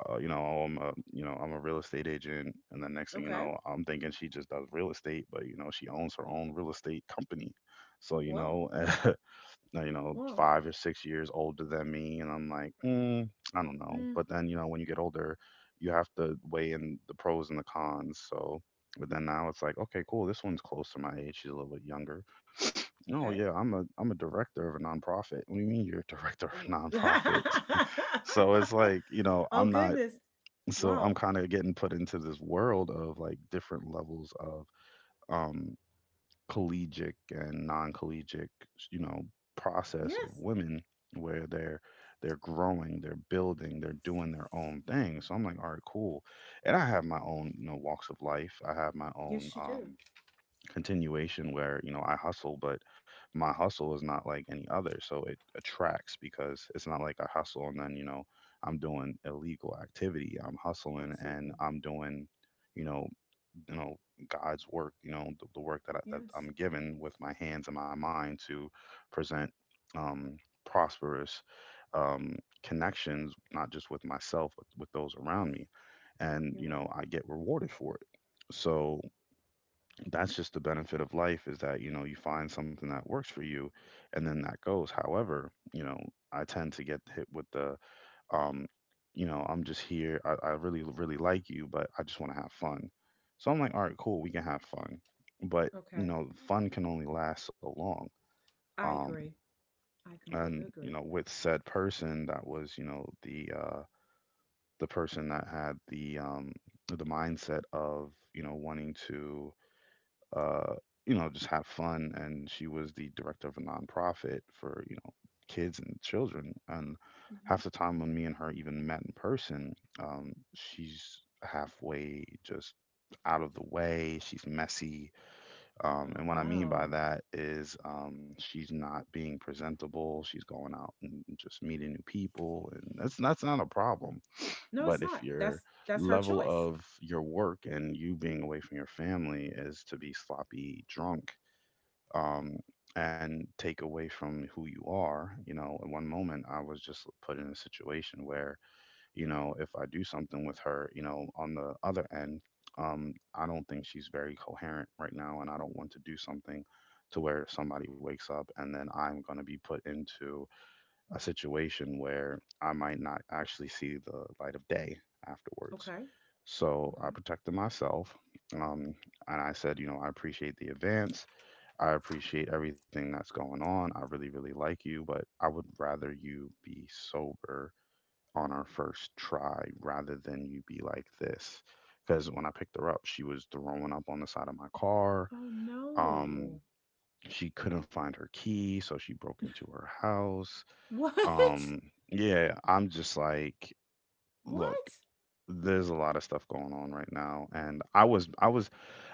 S2: you know, "Oh, I'm a, you know, I'm a real estate agent." And then next thing you
S1: Okay.
S2: know, I'm thinking she just does real estate, but you know, she owns her own real estate company. So you
S1: Wow.
S2: know. You know,
S1: Wow.
S2: 5 or 6 years older than me. And I'm like, mm, I don't know.
S1: Mm,
S2: But then, you know, when you get older, you have to weigh in the pros and the cons. So, but then now it's like, okay, cool. This one's close to my age. She's a little bit younger. No,
S1: okay.
S2: yeah, I'm a director of a nonprofit. What do you mean you're a director of a
S1: Oh, W-
S2: nonprofit? So it's like, you know,
S1: oh
S2: I'm not.
S1: goodness.
S2: So I'm
S1: Wow.
S2: kind of getting put into this world of like different levels of um collegiate and non-collegiate, you know, process of
S1: Yes.
S2: women where they're growing, they're building, they're doing their own thing. So I'm like, all right, cool. And I have my own, you know, walks of life. I have my own
S1: Yes, you do.
S2: continuation where, you know, I hustle, but my hustle is not like any other, so it attracts, because it's not like I hustle and then, you know, I'm doing illegal activity. I'm hustling and
S1: Absolutely.
S2: I'm doing, you know, you know, God's work, you know, the work that I, that
S1: Yes.
S2: I'm given with my hands and my mind to present um, prosperous um, connections, not just with myself but with those around me, and
S1: You're
S2: you know,
S1: right.
S2: I get rewarded for it. So that's just the benefit of life, is that you know you find something that works for you, and then that goes. However, you know, I tend to get hit with the um, you know, "I'm just here. I really, really like you, but I just want to have fun." So I'm like, all right, cool, we can have fun. But,
S1: Okay.
S2: you know, fun can only last so long.
S1: I
S2: Um,
S1: agree. I completely
S2: and, you
S1: agree.
S2: know, with said person, that was, you know, the person that had the mindset of, you know, wanting to, uh, you know, just have fun. And she was the director of a nonprofit for, you know, kids and children. And
S1: Yeah.
S2: half the time when me and her even met in person, she's halfway just out of the way. She's messy.
S1: Oh
S2: And what I mean by
S1: wow.
S2: that is she's not being presentable. She's going out and just meeting new people. And that's not a problem.
S1: No, it's
S2: But if
S1: not.
S2: your
S1: That's her
S2: level
S1: choice.
S2: of your work and you being away from your family is to be sloppy drunk, um, and take away from who you are, you know, in one moment I was just put in a situation where, you know, if I do something with her, you know, on the other end, I don't think she's very coherent right now, and I don't want to do something to where somebody wakes up and then I'm going to be put into a situation where I might not actually see the light of day afterwards.
S1: Okay.
S2: So I
S1: Okay.
S2: protected myself. Um, and I said, you know, I appreciate the advance. I appreciate everything that's going on. I really, really like you, but I would rather you be sober on our first try rather than you be like this. Because when I picked her up, she was throwing up on the side of my car.
S1: Oh
S2: Um,
S1: no.
S2: she couldn't find her key, so she broke into her house.
S1: What?
S2: um, yeah, I'm just like, look,
S1: What?
S2: there's a lot of stuff going on right now, and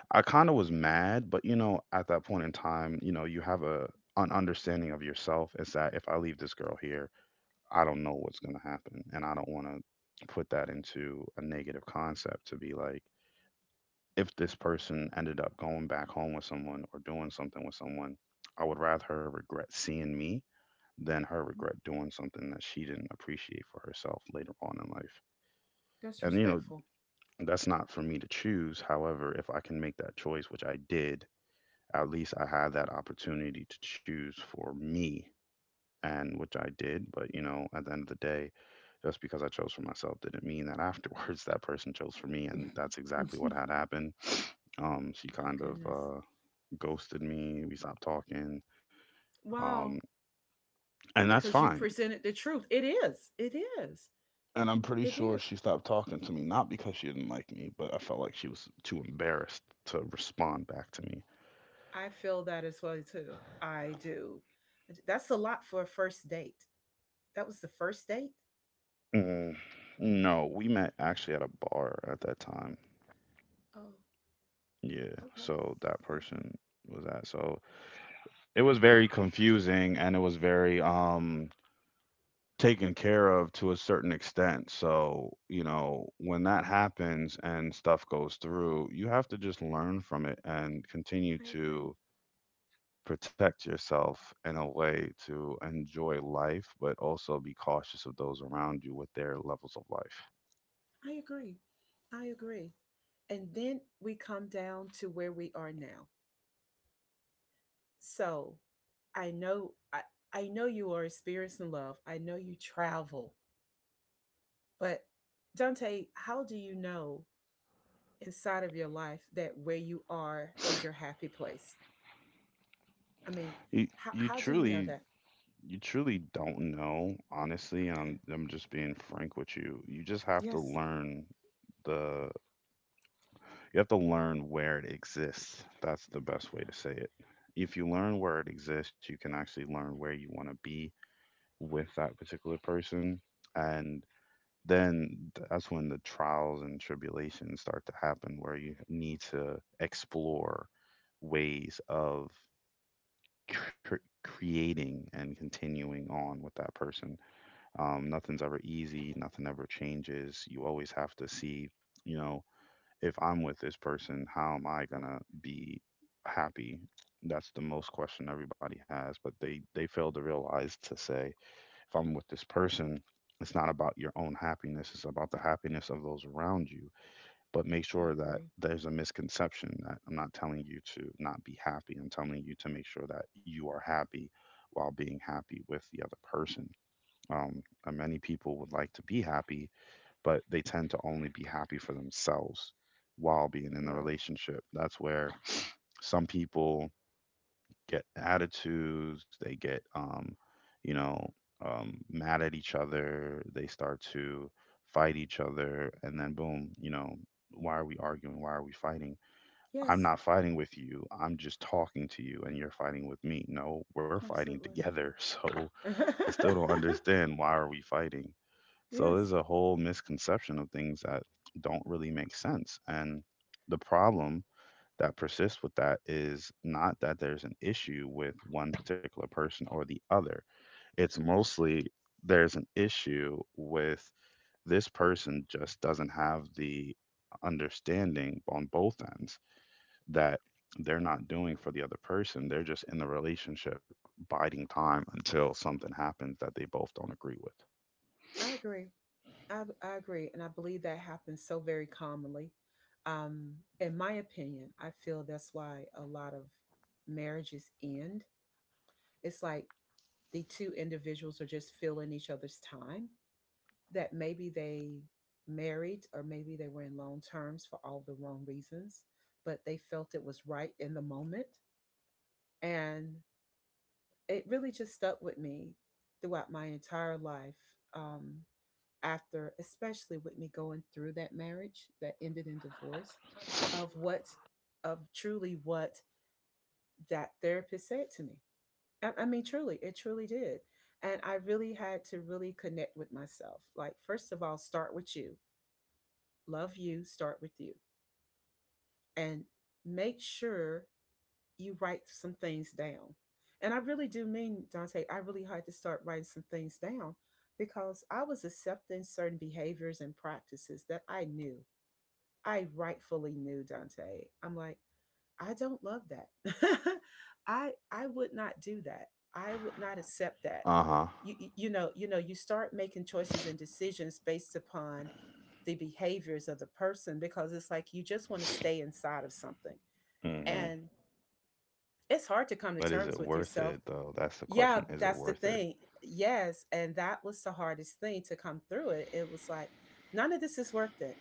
S2: I kind of was mad, but you know, at that point in time, you know, you have a an understanding of yourself, is that if I leave this girl here, I don't know what's gonna happen, and I don't want to put that into a negative concept to be like, if this person ended up going back home with someone or doing something with someone, I would rather her regret seeing me than her
S1: Mhm.
S2: regret doing something that she didn't appreciate for herself later on in life.
S1: That's
S2: And, you know,
S1: respectful.
S2: that's not for me to choose. However, if I can make that choice, which I did, at least I had that opportunity to choose for me, and which I did. But, you know, at the end of the day, just because I chose for myself didn't mean that afterwards that person chose for me. And that's
S1: oh
S2: exactly what had happened. She kind of
S1: goodness.
S2: uh, ghosted me. We stopped talking. Um,
S1: Wow.
S2: and that's
S1: Because you
S2: fine.
S1: presented the truth. It is. It is.
S2: And I'm pretty
S1: It
S2: sure
S1: is.
S2: she stopped talking to me, not because she didn't like me, but I felt like she was too embarrassed to respond back to me.
S1: I feel that as well too. I do. That's a lot for a first date. That was the first date?
S2: Mm, no, we met actually at a bar at that time.
S1: Oh,
S2: Yeah,
S1: okay.
S2: so that
S1: Okay.
S2: person was that. So it was very confusing and it was very taken care of to a certain extent. So, you know, when that happens and stuff goes through, you have to just learn from it and
S1: I
S2: continue
S1: agree.
S2: to protect yourself in a way to enjoy life, but also be cautious of those around you with their levels of life.
S1: I agree. I agree. And then we come down to where we are now. So, I know I, I know you are experiencing love. I know you travel. But Dante, how do you know inside of your life that where you are is your happy place? I mean,
S2: You, you
S1: how do you know
S2: truly,
S1: that?
S2: you truly don't know, honestly. And
S1: Okay.
S2: I'm just being frank with you. You just have to
S1: Yes.
S2: learn the, you have to learn where it exists. That's the best way to say it. If you learn where it exists, you can actually learn where you want to be with that particular person. And then that's when the trials and tribulations start to happen, where you need to explore ways of cr- creating and continuing on with that person. Nothing's ever easy, nothing ever changes, you always have to see, you know, if I'm with this person, how am I gonna be happy? That's the most question everybody has, but they fail to realize to say if I'm with this person, it's not about your own happiness, it's about the happiness of those around you. But make
S1: I
S2: sure that
S1: agree.
S2: there's a misconception that I'm not telling you to not be happy. I'm telling you to make sure that you are happy while being happy with the other person. And many people would like to be happy, but they tend to only be happy for themselves while being in
S1: You're
S2: the
S1: right.
S2: relationship. That's where some people get attitudes, they get you know, mad at each other, they start to fight each other, and then boom, why are we arguing? Why are we fighting? I'm
S1: Yes,
S2: not fighting with you. I'm just talking to you and you're fighting with me. No, we're fighting
S1: absolutely.
S2: together. So I still don't understand, why are we fighting? So there's
S1: yes,
S2: a whole misconception of things that don't really make sense. And the problem that persists with that is not that there's an issue with one particular person or the other. It's mostly there's an issue with this person just doesn't have the understanding on both ends that they're not doing for the other person. They're just in the relationship biding time until something happens that they both don't agree with.
S1: I agree. I agree. And I believe that happens so very commonly. In my opinion, I feel that's why a lot of marriages end. It's like the two individuals are just filling each other's time that maybe they married or maybe they were in long terms for all the wrong reasons, but they felt it was right in the moment. And it really just stuck with me throughout my entire life um, after especially with me going through that marriage that ended in divorce of what of truly what that therapist said to me I mean truly it truly did and I really had to really connect with myself like first of all, start with you, love you, start with you, and make sure you write some things down. And I really do mean, Dante, I really had to start writing some things down because I was accepting certain behaviors and practices that I knew. I rightfully knew, Dante. I'm like, I don't love that. I would not do that. I would not accept that.
S2: Uh huh.
S1: You know, you know, you start making choices and decisions based upon the behaviors of the person because it's like you just want to stay inside of something.
S2: Mm-hmm.
S1: And it's hard to come to
S2: But is
S1: terms
S2: it
S1: with
S2: worth
S1: yourself.
S2: it though? That's the
S1: Yeah,
S2: question. Is it
S1: that's the
S2: worth it?
S1: thing. Yes, and that was the hardest thing to come through it. It was like none of this is worth it.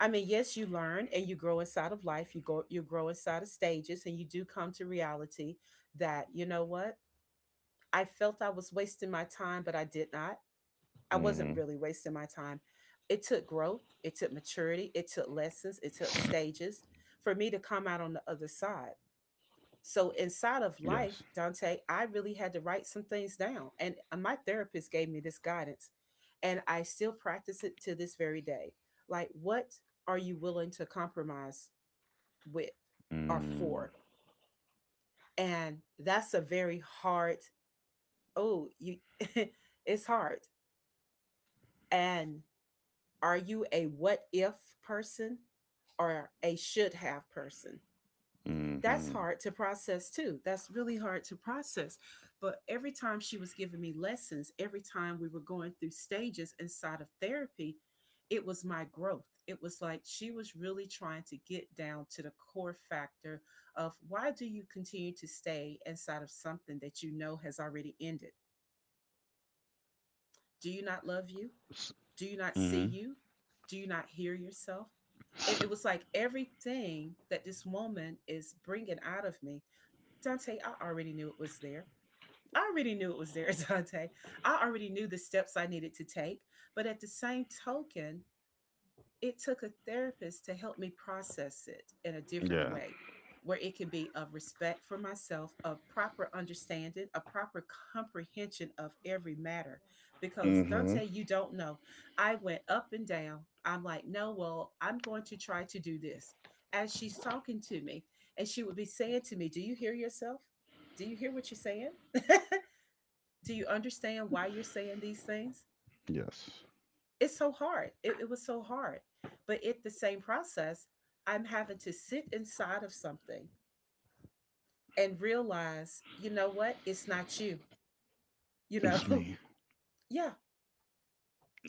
S1: I mean, yes, you learn and you grow inside of life. You grow inside of stages and you do come to reality that, you know what? I felt I was wasting my time, but I did not. I
S2: Mm-hmm.
S1: wasn't really wasting my time. It took growth, it took maturity, it took lessons, it took stages for me to come out on the other side. So inside of
S2: Yes.
S1: life, Dante, I really had to write some things down. And my therapist gave me this guidance. And I still practice it to this very day. Like, what are you willing to compromise with or
S2: Mm.
S1: for? And that's a very hard, oh, you it's hard. And are you a what if person or a should have person? That's
S2: Mm-hmm.
S1: hard to process too. That's really hard to process. But every time she was giving me lessons, every time we were going through stages inside of therapy, it was my growth. It was like she was really trying to get down to the core factor of why do you continue to stay inside of something that you know has already ended? Do you not love you? Do you not see
S2: Mm-hmm.
S1: you? Do you not hear yourself? It was like everything that this woman is bringing out of me, Dante, I already knew it was there. I already knew it was there, Dante. I already knew the steps I needed to take. But at the same token, it took a therapist to help me process it in a different
S2: Yeah.
S1: way, where it could be of respect for myself, a proper understanding, a proper comprehension of every matter. Because
S2: Mm-hmm.
S1: Dante, you don't know. I went up and down. I'm like, no, well, I'm going to try to do this. As she's talking to me, and she would be saying to me, do you hear yourself? Do you hear what you're saying? Do you understand why you're saying these things?
S2: Yes.
S1: It's so hard. It was so hard. But it the same process, I'm having to sit inside of something and realize, you know what? It's not you. You know,
S2: It's me.
S1: yeah,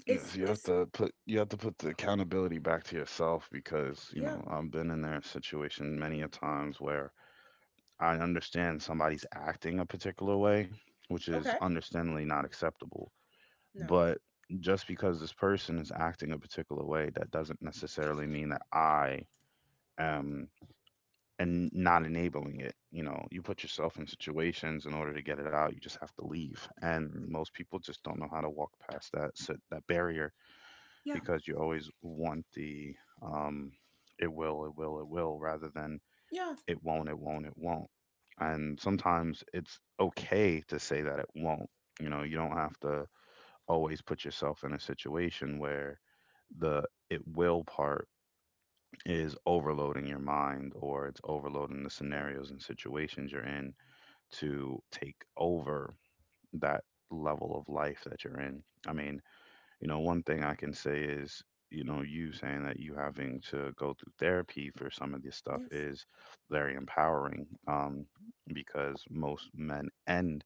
S1: it's
S2: Yes, you have
S1: it's
S2: to put the accountability back to yourself because, you
S1: yeah.
S2: know, I've been in that situation many a times where I understand somebody's acting a particular way, which is
S1: Okay.
S2: understandably not acceptable.
S1: No.
S2: But just because this person is acting a particular way, that doesn't necessarily mean that I am and not enabling it. You know, you put yourself in situations in order to get it out. You just have to leave, and most people just don't know how to walk past that barrier
S1: Yeah.
S2: because you always want the um, it will, it will, it will, rather than
S1: Yeah.
S2: it won't, it won't, it won't. And sometimes it's okay to say that it won't. You know, you don't have to always put yourself in a situation where the "it will" part is overloading your mind or it's overloading the
S1: Okay.
S2: scenarios and situations you're in to take over that level of life that you're in. I mean, you know, one thing I can say is, you know, you saying that you having to go through therapy for some of this stuff
S1: Yes.
S2: is very empowering, because most men and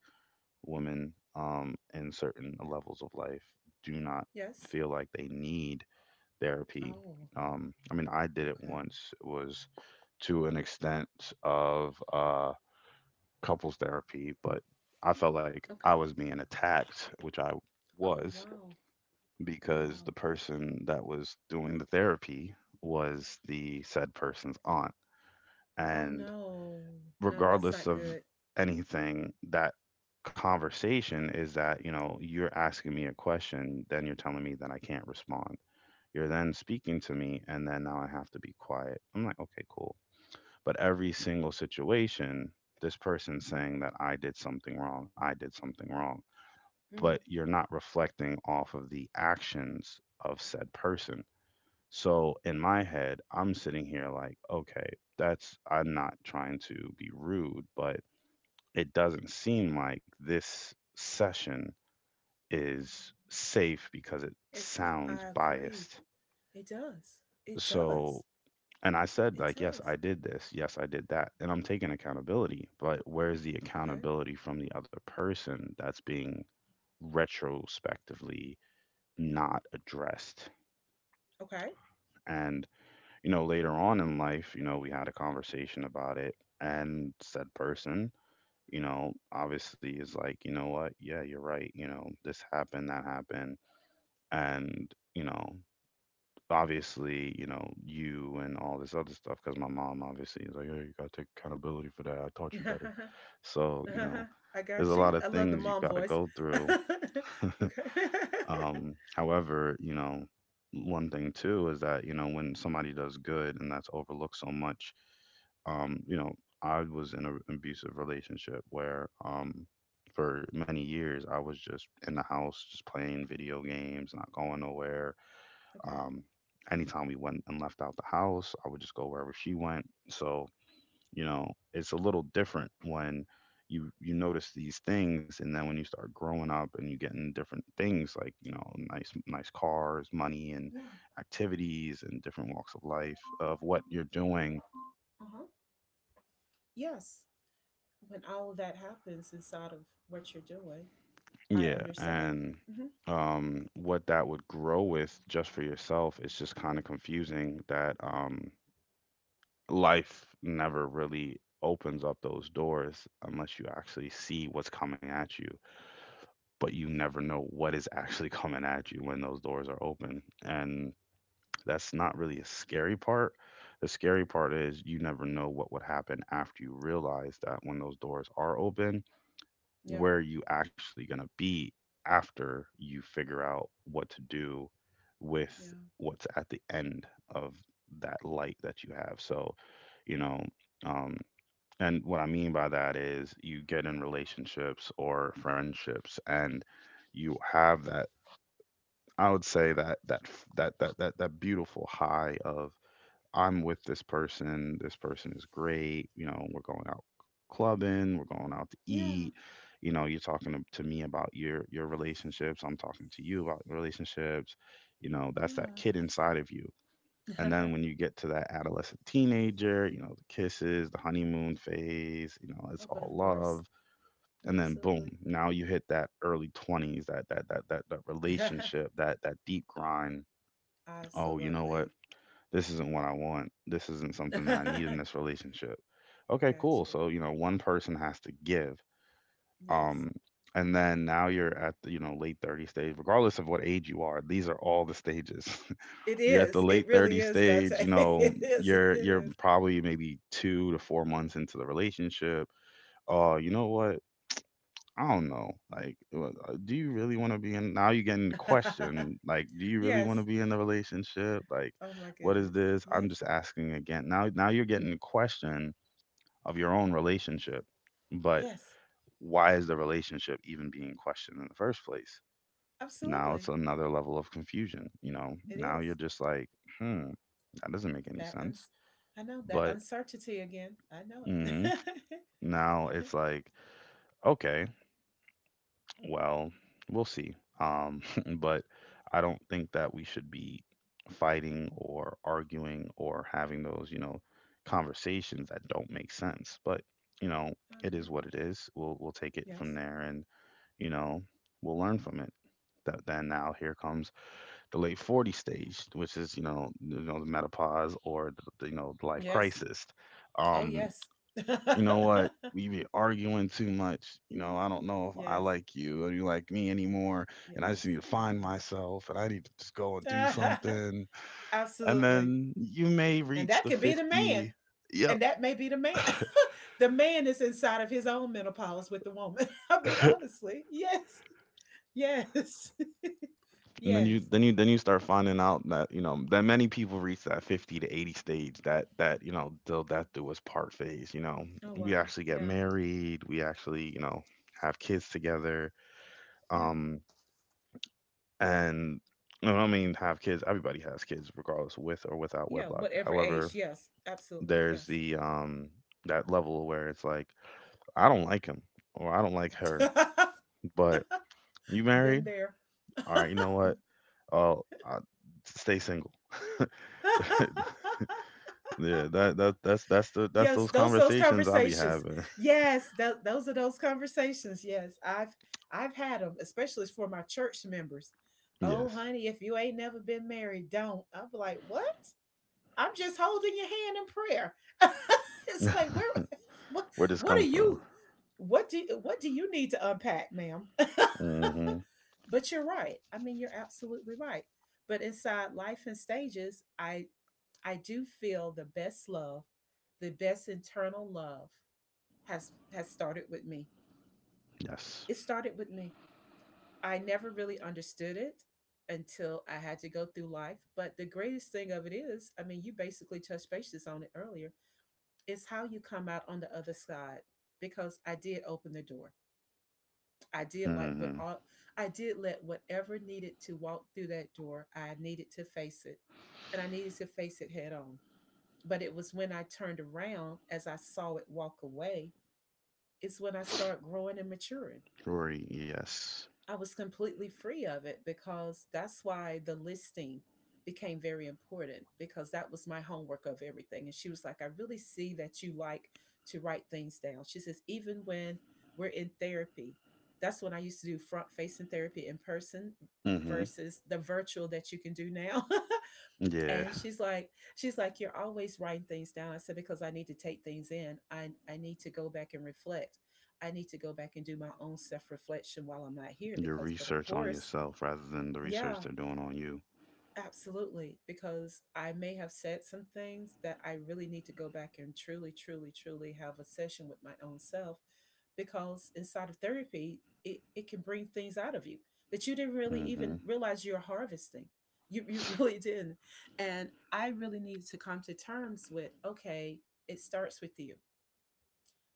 S2: women, in certain levels of life do not
S1: Yes.
S2: feel like they need therapy.
S1: Oh,
S2: I mean, I did it
S1: okay.
S2: once. It was to an extent of couples therapy, but I felt like
S1: Okay.
S2: I was being attacked, which I
S1: Oh,
S2: was,
S1: wow.
S2: because the
S1: Wow.
S2: person that was doing the therapy was the said person's aunt.
S1: Oh
S2: And
S1: no. No, that's
S2: regardless
S1: not
S2: of
S1: good.
S2: anything, that conversation is that, you know, you're asking me a question, then you're telling me that I can't respond, you're then speaking to me, and then now I have to be quiet. I'm like, okay, cool. But every single situation, this person's saying that I did something wrong, I did something wrong,
S1: Mm,
S2: but you're not reflecting off of the actions of said person. So in my head, I'm sitting here like, okay, I'm not trying to be rude, but it doesn't seem like this session is safe because it
S1: it's not,
S2: sounds
S1: I agree.
S2: biased.
S1: It does. It does.
S2: So and I said,
S1: It
S2: like, yes, I
S1: does.
S2: did this. Yes, I did that. And I'm taking accountability. But where's the
S1: Okay.
S2: accountability from the other person that's being retrospectively not addressed?
S1: Okay.
S2: And, you know, later on in life, you know, we had a conversation about it. And said person, you know, obviously is like, you know what? Yeah, you're right. You know, this happened, that happened. And, you know, obviously, you know, you and all this other stuff because my mom obviously is like, hey, you got to take accountability for that. I taught you better. So, you
S1: Uh-huh.
S2: know,
S1: I
S2: there's
S1: got
S2: a lot
S1: you.
S2: of
S1: I love the
S2: things you
S1: mom
S2: got to
S1: voice.
S2: go through.
S1: okay. okay.
S2: However, you know, one thing too is that, you know, when somebody does good and that's overlooked so much, you know, I was in an abusive relationship where, for many years, I was just in the house, just playing video games, not going nowhere, um, anytime we went and left out the house, I would just go wherever she went. So, you know, it's a little different when you notice these things and then when you start growing up and you getting different things like, you know, nice cars, money and
S1: Yeah.
S2: activities and different walks of life of what you're doing.
S1: Uh-huh. Yes. When all of that happens inside of what you're doing, I
S2: Yeah,
S1: understand.
S2: and
S1: Mm-hmm.
S2: what that would grow with just for yourself is just kind of confusing that life never really opens up those doors unless you actually see what's coming at you, but you never know what is actually coming at you when those doors are open. And that's not really a scary part. The scary part is you never know what would happen after you realize that when those doors are open,
S1: Yeah.
S2: where you actually going to be after you figure out what to do with
S1: Yeah.
S2: what's at the end of that light that you have. So you know, um and what I mean by that is you get in relationships or friendships and you have that, I would say that that beautiful high of I'm with this person is great, you know, we're going out clubbing, we're going out to
S1: Yeah.
S2: eat. You know, you're talking to me about your relationships, I'm talking to you about relationships. You know, that's that
S1: Yeah.
S2: kid inside of you. And then
S1: Uh-huh.
S2: when you get to that adolescent teenager, you know, the kisses, the honeymoon phase, you know, it's
S1: Oh, but
S2: all
S1: of course.
S2: love. And then
S1: Absolutely.
S2: boom, now you hit that early 20s, that relationship, that deep grind. Oh, you know what?
S1: Absolutely.
S2: This isn't what I want. This isn't something that I need in
S1: Got
S2: this relationship. Okay, cool.
S1: you.
S2: So, you know, one person has to give.
S1: Yes.
S2: Um and then now you're at the, you know, late 30 stage, regardless of what age you are, these are all the stages.
S1: It
S2: You're at the
S1: is. It
S2: late 30
S1: really is, Dante.
S2: stage, you know,
S1: it is. It
S2: you're
S1: is.
S2: probably maybe 2 to 4 months into the relationship. Oh, you know what? I don't know, like, do you really want to be in, now you're getting the question, like, do you really want to
S1: yes.
S2: be in the relationship? Like,
S1: Oh my
S2: what is
S1: goodness.
S2: this? I'm
S1: Yes.
S2: just asking. Again, now you're getting the question of your own relationship. But
S1: Yes.
S2: why is the relationship even being questioned in the first place? Now it's
S1: Absolutely.
S2: another level of confusion. You know,
S1: It
S2: now you're
S1: is.
S2: just like, hmm, that doesn't make any
S1: That
S2: sense.
S1: uns- I know that
S2: But
S1: uncertainty again. I know
S2: mhm,
S1: it.
S2: now it's like, okay, well, we'll see. Um, but I don't think that we should be fighting or arguing or having those, you know, conversations that don't make sense. But, you know,
S1: I
S2: it is
S1: agree.
S2: what it is. We'll take it from
S1: Yes.
S2: there and, you know, we'll learn from it. That, then now here comes the late 40 stage, which is, you know, the menopause or the, you know, the life
S1: Yes.
S2: crisis.
S1: Oh,
S2: Um,
S1: yes.
S2: you know what? We be arguing too much. You know, I don't know if I
S1: yes.
S2: like you or you like me anymore. And I
S1: Yes.
S2: just need to
S1: I
S2: find myself and I need to just go and do
S1: know.
S2: something. And
S1: Absolutely.
S2: then you may
S1: And
S2: reach
S1: that
S2: the
S1: could be the man.
S2: 50. Yep.
S1: And that may be the man. The man is inside of his own menopause with the woman. I'll be honestly. Yes. Yes.
S2: And then
S1: Yes.
S2: you start finding out that, you know, that many people reach that 50 to 80 stage, that that, you know, till death do us part phase, you know.
S1: Oh
S2: We
S1: wow.
S2: actually get
S1: Yeah.
S2: married, we actually, you know, have kids together.
S1: Yeah.
S2: Um and no, I don't mean have kids. Everybody has kids, regardless with or without
S1: Yeah.
S2: wedlock.
S1: Whatever
S2: However,
S1: age. Yes. Absolutely.
S2: there's
S1: Yes.
S2: the that level where it's like I don't like him or I don't like her, but you
S1: Been
S2: married?
S1: there.
S2: All right, you know what? Oh, I, stay single. Yeah, that's
S1: Yes,
S2: those
S1: those
S2: conversations I be
S1: conversations.
S2: having.
S1: Yes, those are those conversations. Yes, I've had them, especially for my church members. Oh,
S2: Yes,
S1: honey, if you ain't never been married, don't. I'm like, what? I'm just holding your hand in prayer. it's like, where, what,
S2: where this
S1: what are
S2: come from?
S1: you? What do you need to unpack, ma'am?
S2: Hmm.
S1: But you're right. I mean, you're absolutely right. But inside life and stages, I do feel the best love, the best internal love has started with me.
S2: Yes.
S1: It started with me. I never really understood it until I had to go through life. But the greatest thing of it is, I mean, you basically touched bases on it earlier. It's how you come out on the other side because I did open the door. I did like what
S2: Hmm.
S1: all I did let whatever needed to walk through that door, I needed to face it. And I needed to face it head on. But it was when I turned around as I saw it walk away, it's when I start growing and maturing,
S2: Rory. Yes.
S1: I was completely free of it because that's why the listing became very important because that was my homework of everything. And she was like, I really see that you like to write things down. She says, even when we're in therapy, that's when I used to do front facing therapy in person
S2: Hmm.
S1: versus the virtual that you can do now.
S2: Yeah.
S1: and she's like, she's like, you're always writing things down. I said, because I need to take things in. I need to go back and reflect, I need to go back and do my own self reflection while I'm not here,
S2: Your
S1: because but of
S2: research on
S1: course,
S2: yourself rather than the research
S1: yeah.
S2: they're doing on you.
S1: Absolutely, because I may have said some things that I really need to go back and truly, truly, truly have a session with my own self because inside of therapy, it can bring things out of you that you didn't really
S2: Mm-hmm.
S1: even realize you're harvesting. You really didn't. And I really needed to come to terms with okay, it starts with you.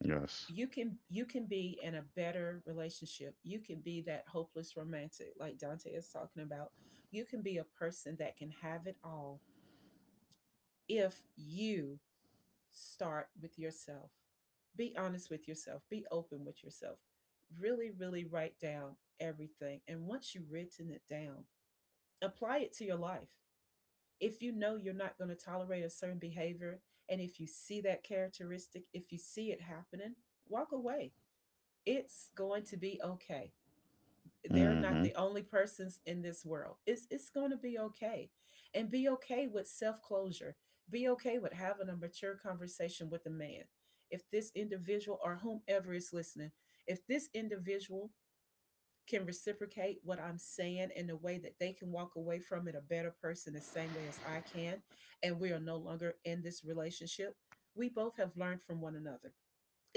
S2: Yes.
S1: You can be in a better relationship. You can be that hopeless romantic like Dante is talking about. You can be a person that can have it all if you start with yourself. Be honest with yourself, be open with yourself. Really, really write down everything. And once you've written it down, apply it to your life. If you know you're not going to tolerate a certain behavior, and if you see that characteristic, if you see it happening, walk away. It's going to be okay, they're
S2: Mm-hmm.
S1: not the only persons in this world. It's going to be okay. And be okay with self-closure. Be okay with having a mature conversation with a man. If this individual or whomever is listening, if this individual can reciprocate what I'm saying in a way that they can walk away from it a better person the same way as I can, and we are no longer in this relationship, we both have learned from one another,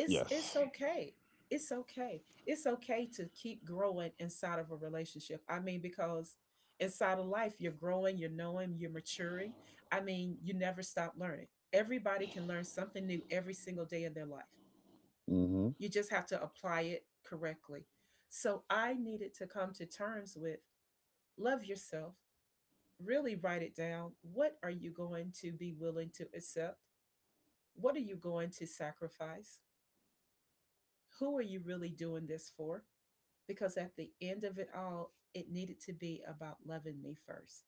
S1: it's okay, it's okay to keep growing inside of a relationship. I mean, because inside of life, you're growing, you're knowing, you're maturing. I mean, you never stop learning. Everybody can learn something new every single day of their life.
S2: Mm-hmm.
S1: You just have to apply it correctly. So I needed to come to terms with love yourself, really write it down, what are you going to be willing to accept, what are you going to sacrifice, who are you really doing this for, because at the end of it all, it needed to be about loving me first.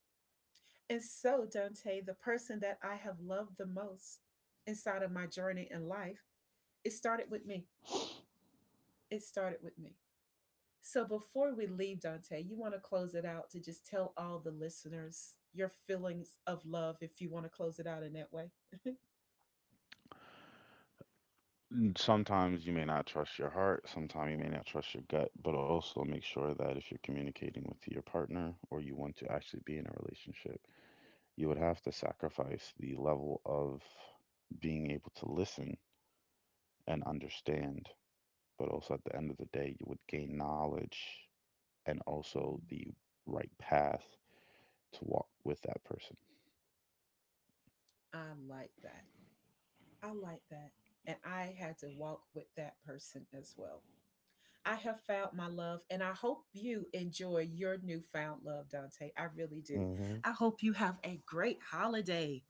S1: And so, Dante, the person that I have loved the most inside of my journey in life, it started with me. It started with me. So, before we leave, Dante, you want to close it out to just tell all the listeners your feelings of love if you want to close it out in that way?
S2: Sometimes you may not trust your heart, sometimes you may not trust your gut, but also make sure that if you're communicating with your partner or you want to actually be in a relationship, you would have to sacrifice the level of being able to listen and understand, but also at the end of the day, you would gain knowledge and also the
S1: Mm,
S2: right path to walk with that person.
S1: I like that. I like that. And I had to walk with that person as well. I have found my love, and I hope you enjoy your newfound love, Dante. I really do.
S2: Mm-hmm.
S1: I hope you have a great holiday.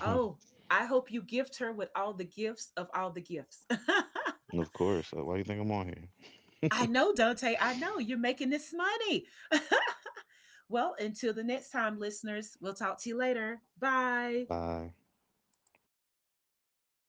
S1: Oh, I hope you gift her with all the gifts of all the gifts.
S2: Of course. Why you think I'm on here?
S1: I know, Dante. I know you're making this money. Well, until the next time, listeners, we'll talk to you later. Bye.
S2: Bye.